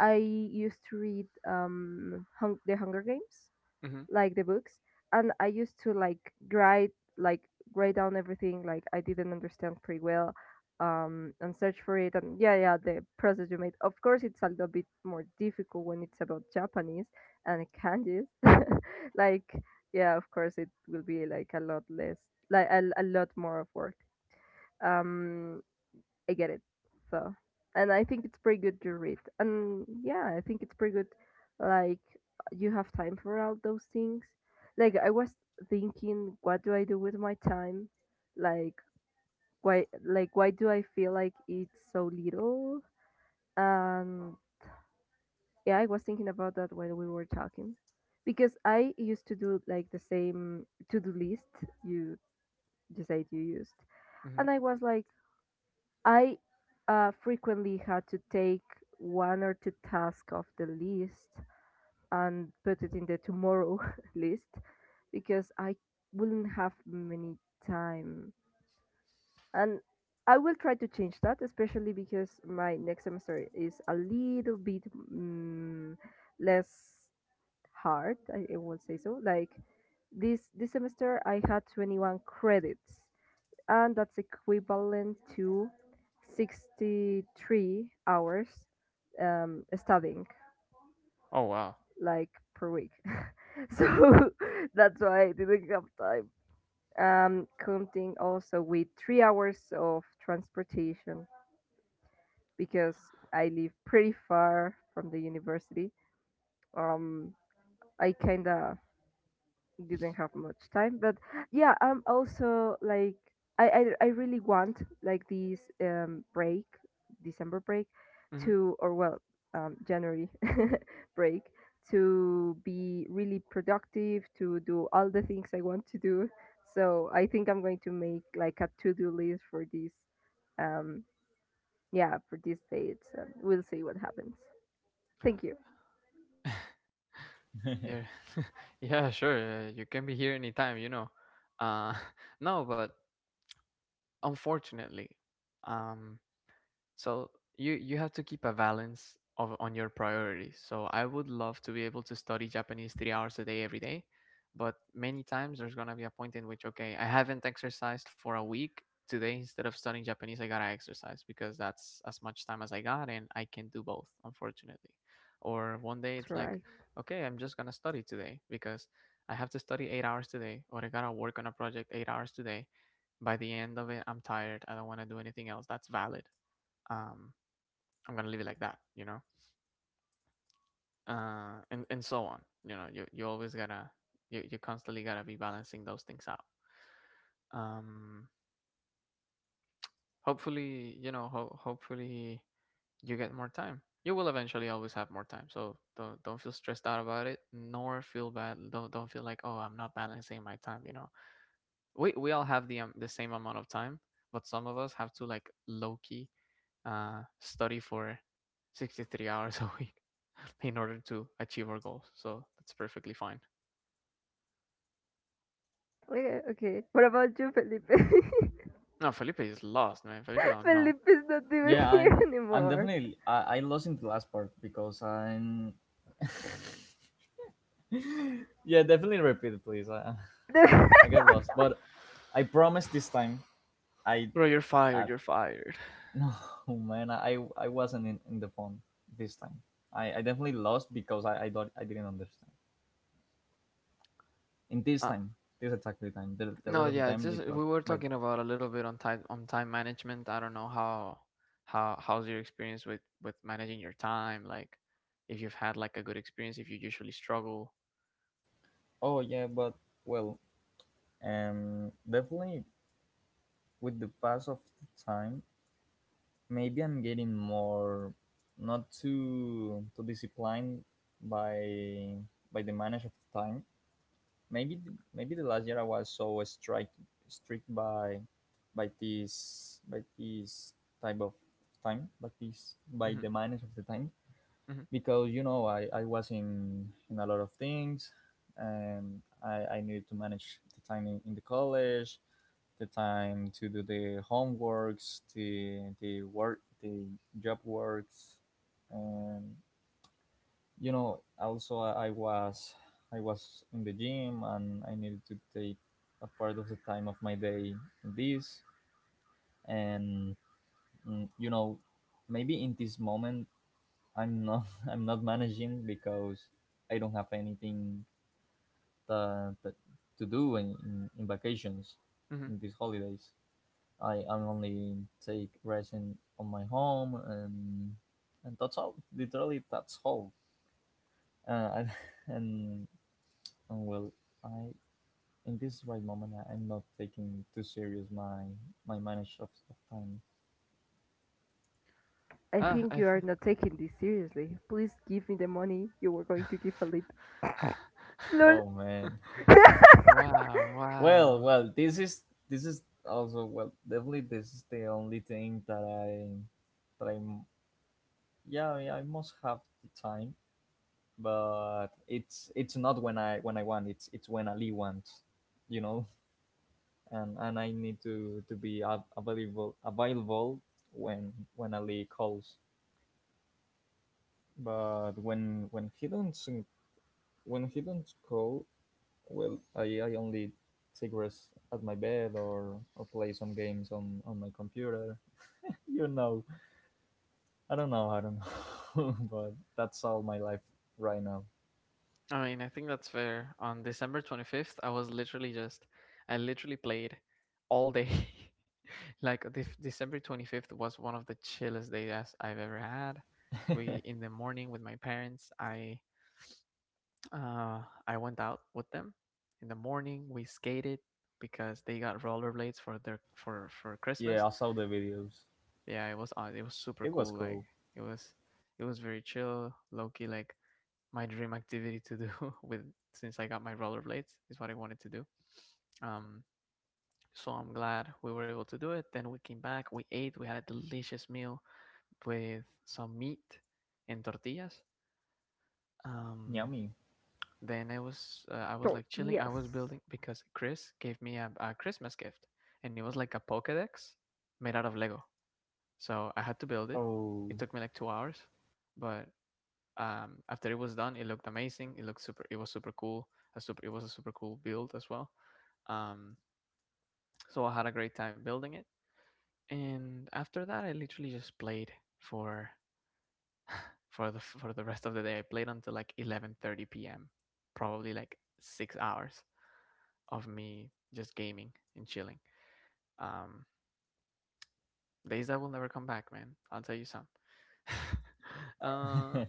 [SPEAKER 2] I used to read The Hunger Games,
[SPEAKER 1] Hmm.
[SPEAKER 2] like the books, and I used to like write, like write down everything like I didn't understand pretty well, and search for it, and yeah, yeah, the process you made, of course it's a little bit more difficult when it's about Japanese and kanjis, [LAUGHS] like yeah, of course it will be like a lot less, like a lot more of work, um I get it. So, and I think it's pretty good to read. And yeah, I think it's pretty good. Like, you have time for all those things. Like, I was thinking, what do I do with my time? Like, like, why do I feel like it's so little? And yeah, I was thinking about that while we were talking, because I used to do like the same to-do list you just said you used,
[SPEAKER 1] Hmm.
[SPEAKER 2] and I was like, I frequently had to take one or two tasks off the list and put it in the tomorrow [LAUGHS] list because I wouldn't have many time. And I will try to change that, especially because my next semester is a little bit mm, less hard. I will say so. Like this semester, I had 21 credits and that's equivalent to 63 hours studying
[SPEAKER 1] Oh, wow.
[SPEAKER 2] like per week. [LAUGHS] So, [LAUGHS] that's why I didn't have time. Counting also with 3 hours of transportation because I live pretty far from the university. Um, I kinda didn't have much time, but yeah, I'm also like, I really want like this break, december break
[SPEAKER 1] Hmm.
[SPEAKER 2] to, or well, january [LAUGHS] break to be really productive, to do all the things I want to do. So I think I'm going to make like a to-do list for this, um yeah, for these dates, and we'll see what happens. Thank you.
[SPEAKER 1] Yeah. [LAUGHS] Yeah, sure. You can be here anytime. Uh, [LAUGHS] no, but unfortunately, um, so you have to keep a balance of on your priorities. So I would love to be able to study Japanese 3 hours a day every day, but many times there's gonna be a point in which, okay, I haven't exercised for a week. Today, instead of studying Japanese, I gotta exercise because that's as much time as I got, and I can do both, unfortunately. Or one day
[SPEAKER 2] That's
[SPEAKER 1] it's like,
[SPEAKER 2] right.
[SPEAKER 1] okay, I'm just gonna study today because I have to study 8 hours today, or I gotta work on a project 8 hours today. By the end of it, I'm tired. I don't want to do anything else. That's valid. um I'm gonna leave it like that. And so on, you always gotta, you constantly gotta be balancing those things out. um hopefully, hopefully you get more time. You will eventually always have more time, so don't feel stressed out about it, nor feel bad. Don't feel like, oh, I'm not balancing my time. We all have the same amount of time, but some of us have to, like, low key, study for 63 hours a week [LAUGHS] in order to achieve our goals. So that's perfectly fine.
[SPEAKER 2] Okay, okay, what about you, Felipe? [LAUGHS]
[SPEAKER 1] No, Felipe is lost, man. Felipe don't know.
[SPEAKER 2] Felipe is not
[SPEAKER 3] Yeah,
[SPEAKER 2] even here
[SPEAKER 3] I'm
[SPEAKER 2] anymore.
[SPEAKER 3] definitely I lost in the last part, because I'm... [LAUGHS] yeah, definitely repeat it please. I
[SPEAKER 2] [LAUGHS]
[SPEAKER 3] got lost, but I promise this time I,
[SPEAKER 1] [SIGHS] Bro, you're fired.
[SPEAKER 3] I
[SPEAKER 1] You're fired. [LAUGHS]
[SPEAKER 3] [LAUGHS] no, man, I wasn't in the phone this time. I definitely lost because I didn't understand in this
[SPEAKER 1] Uh,
[SPEAKER 3] time, this exactly time. The
[SPEAKER 1] no,
[SPEAKER 3] rest of the
[SPEAKER 1] yeah, it's
[SPEAKER 3] time
[SPEAKER 1] just
[SPEAKER 3] it was
[SPEAKER 1] we were
[SPEAKER 3] by the
[SPEAKER 1] talking
[SPEAKER 3] phone.
[SPEAKER 1] about a little bit on time management. I don't know how's your experience with managing your time, like if you've had like a good experience, if you usually struggle.
[SPEAKER 3] Oh yeah, but well. And definitely, with the pass of the time, maybe I'm getting more, not too disciplined, by by the manage of the time. Maybe the last year I was so strict by this type of time, but this by
[SPEAKER 1] Mm-hmm,
[SPEAKER 3] the manage of the time,
[SPEAKER 1] mm-hmm,
[SPEAKER 3] because you know, I was in a lot of things, and I needed to manage the time in the college, the time to do the homeworks, the work, the job works, and you know. Also, I was in the gym, and I needed to take a part of the time of my day in this. And you know, maybe in this moment, I'm not [LAUGHS] I'm not managing, because I don't have anything that to do in, in vacations,
[SPEAKER 1] mm-hmm.
[SPEAKER 3] in these holidays. I only take resin on my home, and that's all. Literally, that's all. Uh, I, [LAUGHS] and, and well, I in this right moment I'm not taking too serious my manage of time.
[SPEAKER 2] I
[SPEAKER 1] Ah,
[SPEAKER 2] think you are not taking this seriously. Please give me the money you were going to give Felipe. Lol.
[SPEAKER 3] Oh man. [LAUGHS]
[SPEAKER 1] [LAUGHS] wow,
[SPEAKER 3] Well,
[SPEAKER 1] wow,
[SPEAKER 3] well, this is also well, definitely, this is the only thing that I'm yeah, I must have the time, but it's not when I want. It's when Ali wants, you know. And I need to be available when Ali calls. But when he don't call, well, I only take rest at my bed, or play some games on my computer. [LAUGHS] You know, I don't know, [LAUGHS] but that's all my life right now.
[SPEAKER 1] I mean, I think that's fair. On December 25th, I was literally just, I literally played all day. [LAUGHS] Like the December 25th was one of the chillest days I've ever had. We In the morning with my parents, uh I went out with them. In the morning, we skated because they got rollerblades for their for
[SPEAKER 3] Yeah,
[SPEAKER 1] Christmas.
[SPEAKER 3] I saw the videos.
[SPEAKER 1] Yeah, it was super
[SPEAKER 3] It was
[SPEAKER 1] cool. Like
[SPEAKER 3] cool.
[SPEAKER 1] it was it was very chill, low key, like my dream activity to do [LAUGHS] with since I got my rollerblades is what I wanted to do. Um, so I'm glad we were able to do it. Then we came back, we ate, we had a delicious meal with some meat and tortillas. Um,
[SPEAKER 3] Yummy.
[SPEAKER 1] then I
[SPEAKER 2] [LAUGHS]
[SPEAKER 1] was like chilling. I was
[SPEAKER 2] Tortillas.
[SPEAKER 1] building because Chris gave me a Christmas gift, and it was like a Pokédex made out of Lego. So I had to build it. It
[SPEAKER 3] Oh.
[SPEAKER 1] took me like 2 hours, but after it was done, it looked amazing. It looked super. It was super cool. A super. It was a super cool build as well. Um, so I had a great time building it. And after that, I literally just played for for the rest of the day. I played until like 11:30 p.m. Probably like 6 hours of me just gaming and chilling. Um, Days that will never come back, man. I'll tell you some. [LAUGHS] uh,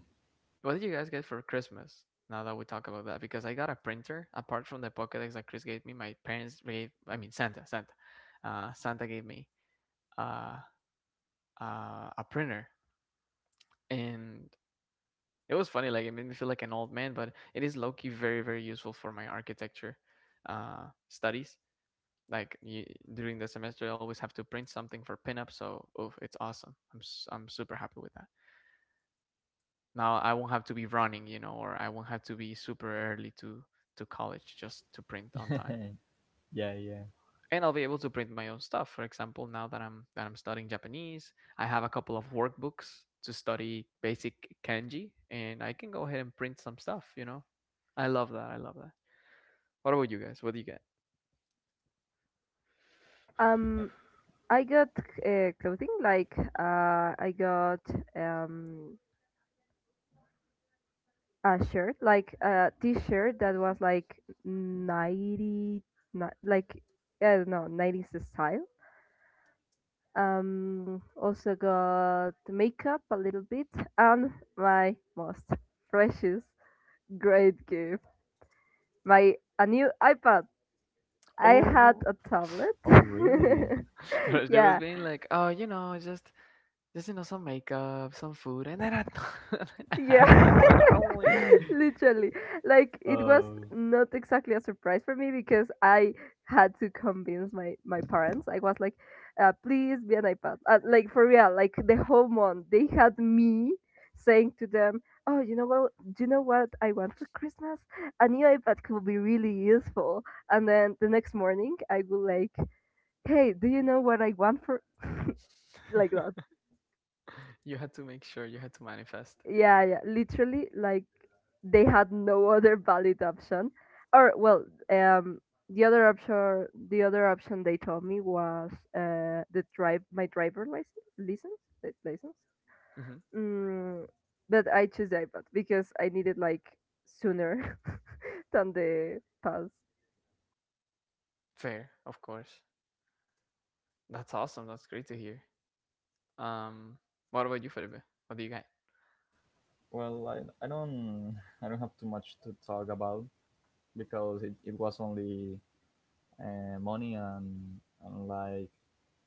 [SPEAKER 1] What did you guys get for Christmas? Now that we talk about that, because I got a printer apart from the Pokedex that Chris gave me. My parents gave, I mean, Santa gave me uh, a printer, and it was funny. Like, it made me feel like an old man, but it is low key very, very useful for my architecture, studies. Like you, during the semester, I always have to print something for pinup, so oof, it's awesome. I'm super happy with that. Now I won't have to be running, or I won't have to be super early to college just to print on time.
[SPEAKER 3] [LAUGHS] Yeah, yeah.
[SPEAKER 1] And I'll be able to print my own stuff. For example, now that I'm studying Japanese, I have a couple of workbooks to study basic kanji, and I can go ahead and print some stuff. You know, I love that. I love that. What about you guys? What do you get?
[SPEAKER 3] Uh,
[SPEAKER 2] Um, I got clothing, like, I got um a shirt, like a t-shirt that was like 90, like, I don't know, nineties style. Also got makeup a little bit, and my most precious great gift, my a new iPad. I
[SPEAKER 1] Oh
[SPEAKER 2] had
[SPEAKER 1] no.
[SPEAKER 2] a tablet.
[SPEAKER 3] oh, really?
[SPEAKER 2] [LAUGHS]
[SPEAKER 1] [LAUGHS] She was
[SPEAKER 2] Yeah,
[SPEAKER 1] being like, oh, just, some makeup, some food, and then [LAUGHS] I had five
[SPEAKER 2] yeah,
[SPEAKER 1] dollars. Oh my god!
[SPEAKER 2] [LAUGHS] literally. Like, it was
[SPEAKER 3] Oh,
[SPEAKER 2] not exactly a surprise for me because I had to convince my parents. I was like, "Please be an iPad." Like, for real, like the whole month they had me saying to them, "Oh, you know what? Do you know what I want for Christmas? A new iPad could be really useful." And then the next morning, I would like, "Hey, do you know what I want for?" [LAUGHS] Like that.
[SPEAKER 1] You had to make sure you had to manifest.
[SPEAKER 2] Yeah, yeah, literally, like they had no other valid option. Or well, um, the other option they told me was the drive my driver license, license, license.
[SPEAKER 1] Hmm.
[SPEAKER 2] Mm, but I choose iPad because I need it like sooner [LAUGHS] than the pass.
[SPEAKER 1] Fair, of course. That's awesome. That's great to hear. Um, what about you, Felipe? What do you got?
[SPEAKER 3] well, I don't have too much to talk about, because it was only money, and like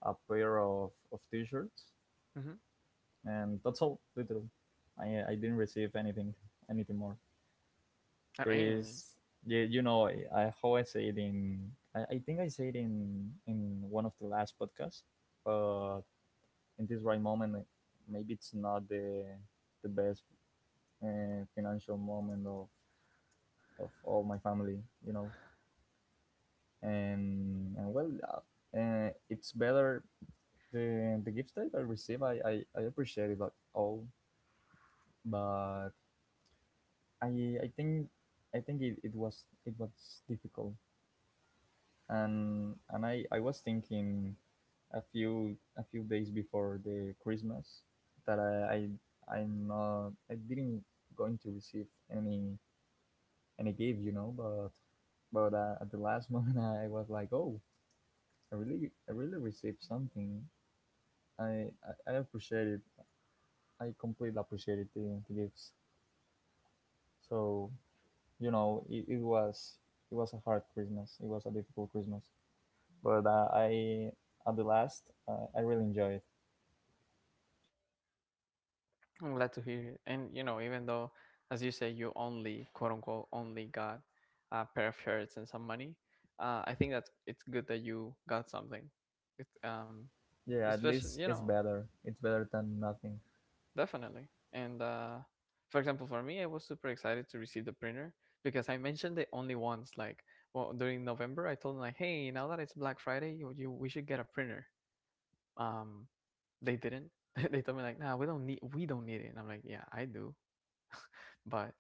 [SPEAKER 3] a pair of t-shirts,
[SPEAKER 1] Hmm.
[SPEAKER 3] and that's all literally. I didn't receive anything more.
[SPEAKER 1] I mean,
[SPEAKER 3] This yeah, you know, I how I say it I think I say it in one of the last podcasts, but in this right moment, maybe it's not the best financial moment of all my family, you know. And well, it's better the gifts that I receive. I appreciate it, like, all, but I I think I think it, it was difficult, and I was thinking a few days before the Christmas that I I'm not I didn't going to receive any gift, you know, but at the last [LAUGHS] moment I was like, oh, I really received something. I appreciate it. I completely appreciated the gifts. So, you know, it was a hard Christmas. It was a difficult Christmas, but at the last, I really enjoyed it.
[SPEAKER 1] I'm glad to hear it. And you know, even though, as you say, you only quote unquote only got a pair of shirts and some money, I think that it's good that you got something. It
[SPEAKER 3] Yeah, at
[SPEAKER 1] Especially,
[SPEAKER 3] least it's better. It's better than nothing.
[SPEAKER 1] definitely. And for example, for me, I was super excited to receive the printer because I mentioned it only once. Like, well, during November, I told them like, "Hey, now that it's Black Friday, you we should get a printer." Um, they didn't. [LAUGHS] They told me like, "Nah, we don't need it." And I'm like, "Yeah, I do." But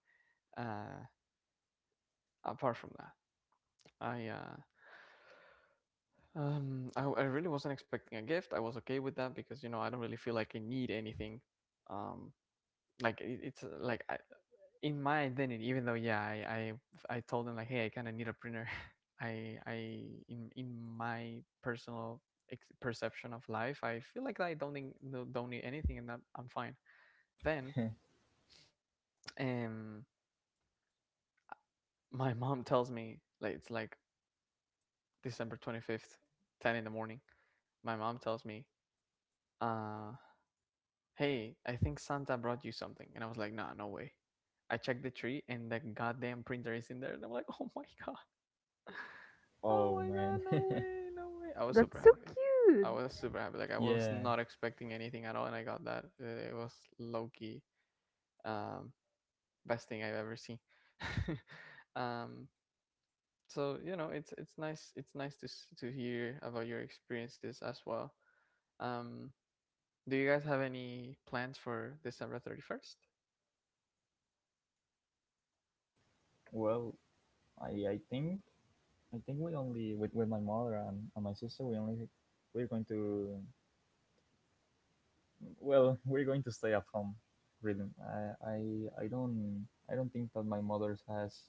[SPEAKER 1] uh, apart from that, I uh, I really wasn't expecting a gift. I was okay with that because you know I don't really feel like I need anything. Um, like it's in my identity, even though, yeah, I told them like, hey, I kind of need a printer, [LAUGHS] I in my personal perception of life, I feel like I don't think, don't need anything, and that I'm fine. Then,
[SPEAKER 3] [LAUGHS]
[SPEAKER 1] um my mom tells me like it's like December 25th, 10 in the morning. My mom tells me, uh hey, I think Santa brought you something, and I was like, nah, no way. I checked the tree, and the goddamn printer is in there, and I'm like, [LAUGHS] oh my god. [SIGHS] Oh
[SPEAKER 3] Oh
[SPEAKER 1] my god,
[SPEAKER 3] man.
[SPEAKER 1] no way,
[SPEAKER 3] [LAUGHS]
[SPEAKER 1] no way. I was
[SPEAKER 2] That's
[SPEAKER 1] super
[SPEAKER 2] so
[SPEAKER 1] happy. I
[SPEAKER 2] cute.
[SPEAKER 1] was super happy. Like, I was
[SPEAKER 3] Yeah.
[SPEAKER 1] not expecting anything at all, and I got that. It was Low key, um best thing I've ever seen. [LAUGHS] Um so, it's nice to to hear about your experiences as well. Um do you guys have any plans for December 31st?
[SPEAKER 3] Well, I, I think I think we only, with my mother and my sister, we only we're going to Well, we're going to stay at home, really. I don't think that my mother has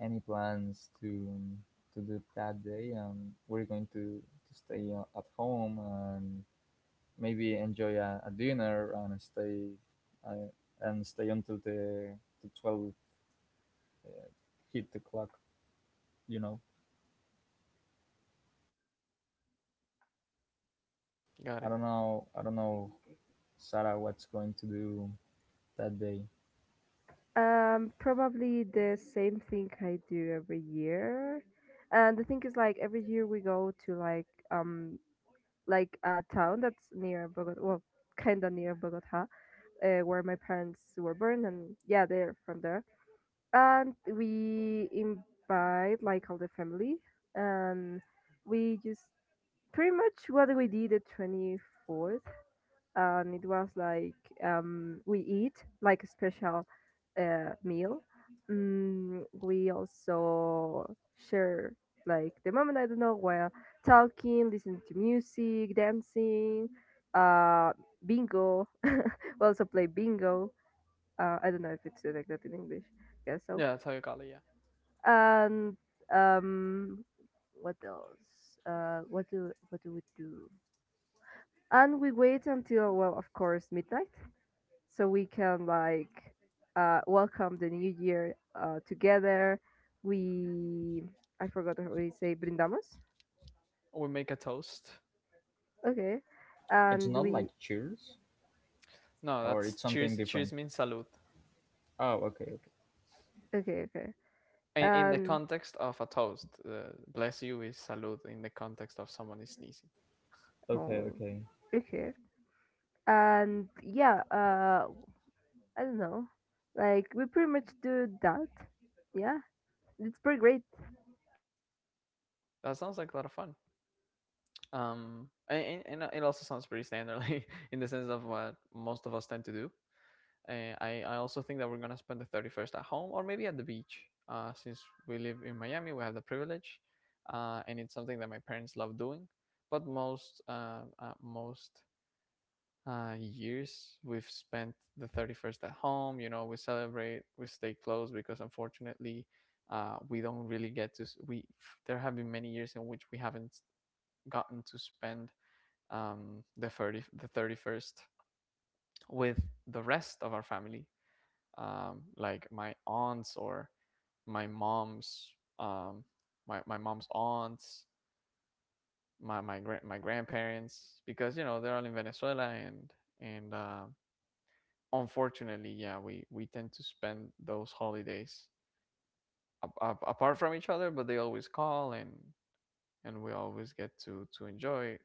[SPEAKER 3] any plans to do that day, and we're going to stay at home and maybe enjoy a dinner uh, and stay until the twelve hit the clock. You know,
[SPEAKER 1] Got it.
[SPEAKER 3] I don't know, Sarah, what's going to do that day.
[SPEAKER 2] Probably the same thing I do every year. And the thing is, like every year we go to like a town that's near Bogota, well, kind of near Bogota, where my parents were born, and yeah, they're from there. And we invite like all the family, and we just pretty much what we did the 24th, and it was like, we eat like a special meal. Mm, we also share like the moment, I don't know, while talking, listening to music, dancing, uh, bingo. [LAUGHS] We also play bingo. I don't know if it's like that in English. Guess so.
[SPEAKER 1] Yeah, that's how you call it, yeah.
[SPEAKER 2] And um, what else? What do what do we do? And we wait until, well, of course, midnight, so we can like welcome the new year together. We I forgot how we say brindamos.
[SPEAKER 1] We make a toast.
[SPEAKER 2] Okay,
[SPEAKER 3] It's
[SPEAKER 2] and
[SPEAKER 3] not
[SPEAKER 2] we
[SPEAKER 3] like "Cheers,"
[SPEAKER 1] No,
[SPEAKER 3] or
[SPEAKER 1] that's
[SPEAKER 3] it's something
[SPEAKER 1] cheers.
[SPEAKER 3] different.
[SPEAKER 1] Cheers means salud.
[SPEAKER 3] Oh, okay, okay,
[SPEAKER 2] okay, okay,
[SPEAKER 1] In the
[SPEAKER 2] and
[SPEAKER 1] context of a toast, bless you is salud. In the context of someone is sneezing.
[SPEAKER 3] okay,
[SPEAKER 2] oh,
[SPEAKER 3] okay.
[SPEAKER 2] okay, and yeah, I don't know, like we pretty much do that. Yeah, it's pretty great.
[SPEAKER 1] That sounds like a lot of fun. And it also sounds pretty standard [LAUGHS] like, in the sense of what most of us tend to do. I also think that we're going to spend the 31st at home or maybe at the beach. Since we live in Miami, we have the privilege, and it's something that my parents love doing. But most years we've spent the 31st at home. We celebrate, we stay close because, unfortunately, we don't really get to. We There have been many years in which we haven't gotten to spend the 31st with the rest of our family, like my aunts, or my mom's, um, my mom's aunts, my grandparents, because they're all in Venezuela, and unfortunately, yeah, we tend to spend those holidays apart from each other, but they always call, and we always get to enjoy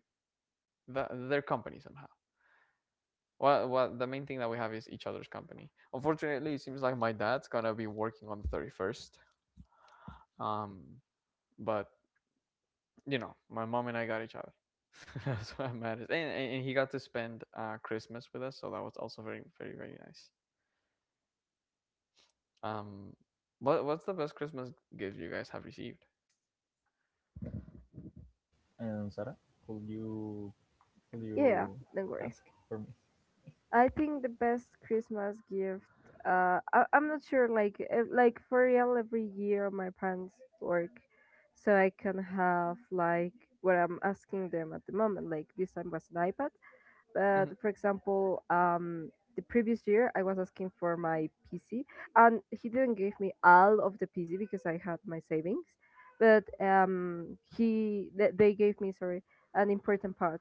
[SPEAKER 1] their company somehow. Well, the main thing that we have is each other's company. Unfortunately, it seems like my dad's gonna be working on the 31st. Um, but you know, my mom and I got each other. [LAUGHS] That's what matters. And he got to spend Christmas with us, so that was also very, very, very nice. Um, what's the best Christmas gift you guys have received?
[SPEAKER 3] And Sarah, could you could
[SPEAKER 2] Yeah, yeah.
[SPEAKER 3] you
[SPEAKER 2] Don't worry.
[SPEAKER 3] ask for me?
[SPEAKER 2] I think the best Christmas gift. I'm not sure. Like for real, every year my parents work, so I can have like what I'm asking them at the moment. Like this time was an iPad, but
[SPEAKER 1] Hmm.
[SPEAKER 2] for example, the previous year I was asking for my PC, and he didn't give me all of the PC because I had my savings, but he they gave me, sorry, an important part.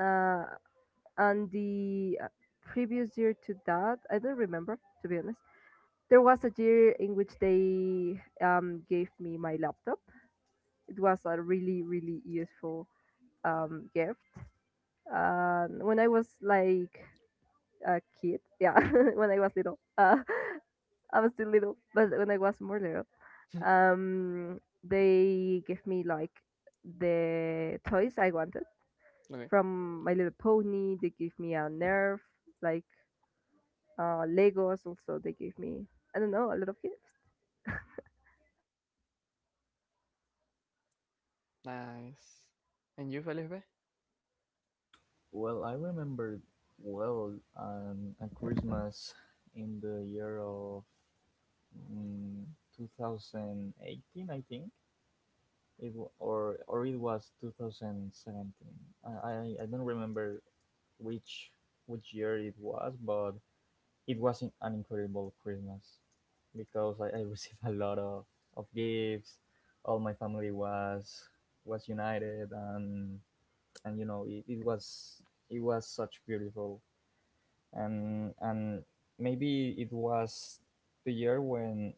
[SPEAKER 2] Uh, and the previous year to that, I don't remember, to be honest. There was a year in which they gave me my laptop. It was a really really useful gift, when I was like a kid, yeah. [LAUGHS] When I was little, [LAUGHS] I was still little, but when I was more little,
[SPEAKER 1] [LAUGHS]
[SPEAKER 2] they gave me like the toys I wanted.
[SPEAKER 1] Okay,
[SPEAKER 2] From My Little Pony they gave me a nerf, like, Legos also they gave me, I don't know, a lot of gifts.
[SPEAKER 1] nice. And you, Felipe?
[SPEAKER 3] Well, I remember well, a Christmas in the year of, mm, 2018, I think it or it was 2017. I don't remember which which year it was, but it was an incredible Christmas because I [LAUGHS] received a lot of gifts. All my family was united, and you know, it, it was such beautiful, and maybe it was the year when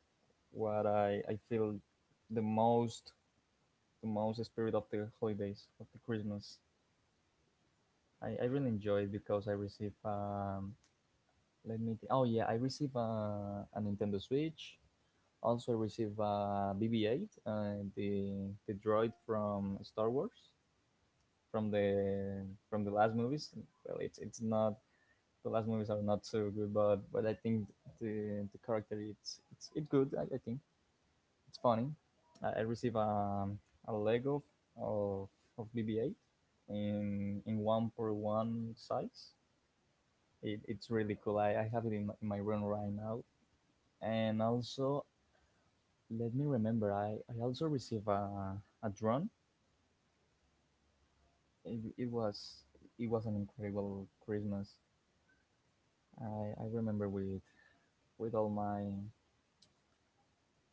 [SPEAKER 3] what I feel the most, spirit of the holidays, of the Christmas. I really enjoyed, because I received, oh yeah, I received a Nintendo Switch. Also received a BB-8 and the droid from Star Wars from the, from the last movies. Well, it's not the last movies are not so good, but I think the character, it's it's good. I think it's funny. I received a Lego of of BB-8 in one per one size. It, it's really cool. I have it in my room right now, and also, let me remember. I also received a drone. It, it was it was an incredible Christmas. I remember with, with all my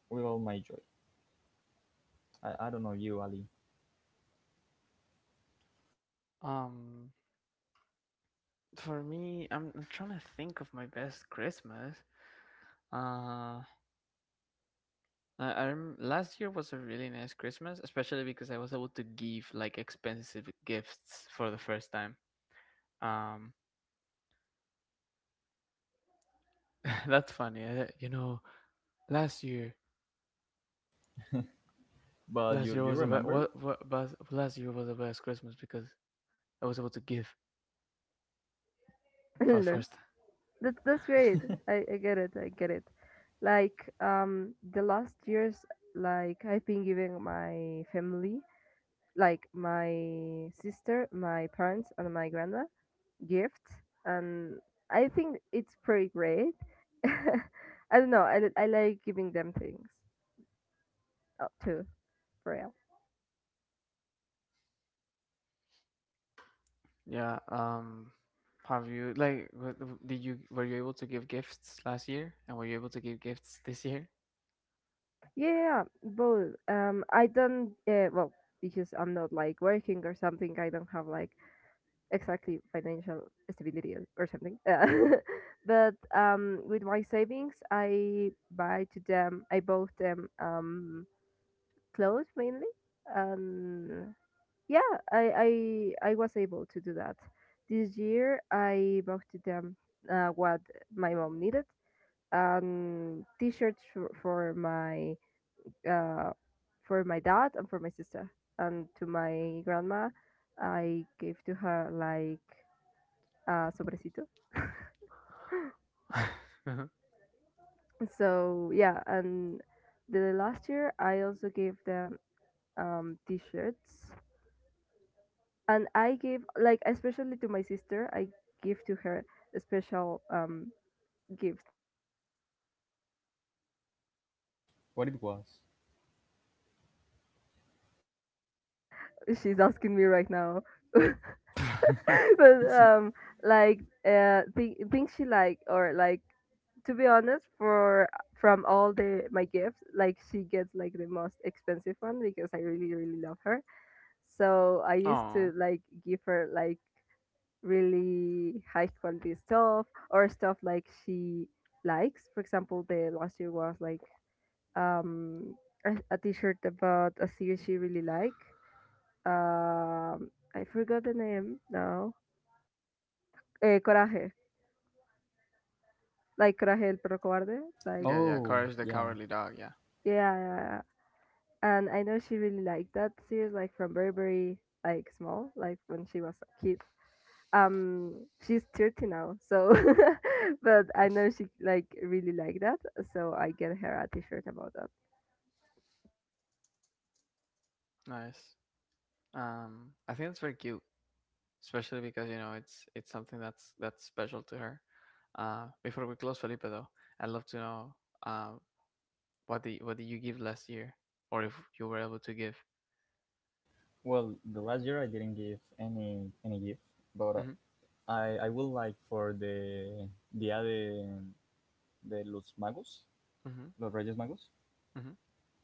[SPEAKER 3] with all my joy. I don't know you, Ali,
[SPEAKER 1] Um, for me, I'm trying to think of my best Christmas. Uh, Last year was a really nice Christmas, especially because I was able to give like expensive gifts for the first time. Um, [LAUGHS] that's funny. You know, last year,
[SPEAKER 3] but
[SPEAKER 1] last year
[SPEAKER 3] you
[SPEAKER 1] was the be-
[SPEAKER 3] remember
[SPEAKER 1] last year was the best Christmas because I was able to give.
[SPEAKER 2] [LAUGHS]
[SPEAKER 1] Fast
[SPEAKER 2] Lol.
[SPEAKER 1] first.
[SPEAKER 2] That that's great. I get it. I get it. Like, the last years, like, I've been giving my family, like my sister, my parents and my grandma, gifts, and I think it's pretty great. [LAUGHS] I don't know. I like giving them things too. Trail.
[SPEAKER 1] Yeah. Have you like what, w- did you Were you able to give gifts last year, and were you able to give gifts this year?
[SPEAKER 2] Yeah, both. I don't. Well, because I'm not like working or something, I don't have like exactly financial stability or something. [LAUGHS] But with my savings, I buy to them. I bought them clothes mainly, and yeah, I I was able to do that. This year I bought them what my mom needed, and t-shirts uh, for my dad and for my sister, and to my grandma, I gave to her like sobrecito.
[SPEAKER 1] [LAUGHS] Uh-huh.
[SPEAKER 2] So yeah, and the last year I also gave them t-shirts, and I gave like especially to my sister, I give to her a special gift.
[SPEAKER 3] what it was?
[SPEAKER 2] She's asking me right now. [LAUGHS] But like, think, she like, or like, to be honest, for from all the my gifts, like, she gets like the most expensive one because I really really love her. So I used to
[SPEAKER 1] Oh,
[SPEAKER 2] like give her like really high quality stuff or stuff like she likes. For example, the last year was like um a t-shirt about a series she really like. Um, I forgot the name now. Eh, Coraje, like Coraje el perro cobarde, like,
[SPEAKER 1] yeah, yeah.
[SPEAKER 3] Oh
[SPEAKER 1] Courage the
[SPEAKER 3] yeah.
[SPEAKER 1] Cowardly Dog. Yeah,
[SPEAKER 2] yeah, yeah, yeah. And I know she really liked that series, like from Burberry, like small, like when she was a kid. um she's 30 now, so [LAUGHS] but I know she like really like that, so I get her a t-shirt about that.
[SPEAKER 1] nice. I think that's very cute. Especially because it's something that's special to her. Before we close, Felipe, though, I'd love to know, um, what did you give last year, or if you were able to give.
[SPEAKER 3] Well, the last year I didn't give any gift, but
[SPEAKER 1] Hmm.
[SPEAKER 3] I would like for the Dia de, los Magos,
[SPEAKER 1] Hmm.
[SPEAKER 3] los Reyes Magos,
[SPEAKER 1] Hmm.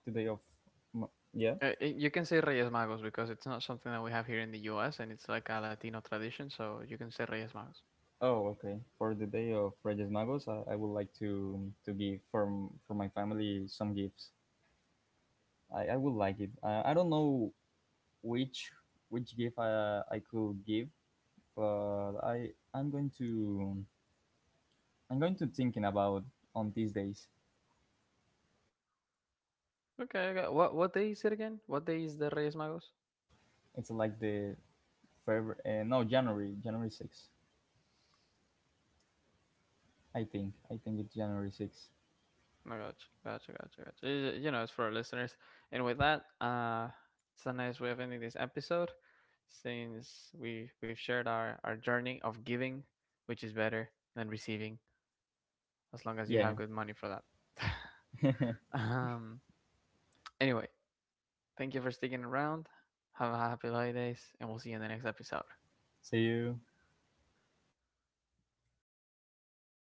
[SPEAKER 3] the day of, Ma- yeah.
[SPEAKER 1] You can say Reyes Magos because it's not something that we have here in the U.S. and it's like a Latino tradition, so you can say Reyes Magos.
[SPEAKER 3] Oh, okay. For the day of Reyes Magos, I would like to, give from, for my family, some gifts. I would like it. I don't know which which gift I could give, but I'm going to, I'm going to thinking about on these days.
[SPEAKER 1] Okay, okay. What day is it again? What day is the Reyes Magos?
[SPEAKER 3] It's like the February, no, January 6th. I think it's January 6th.
[SPEAKER 1] I gotcha, gotcha, gotcha, gotcha. You know, it's for our listeners. And with that, it's a nice way of ending this episode, since we've shared our journey of giving, which is better than receiving, as long as you
[SPEAKER 3] Yeah.
[SPEAKER 1] have good money for that. [LAUGHS] um. Anyway, thank you for sticking around. Have a happy holidays, and we'll see you in the next episode.
[SPEAKER 3] See you.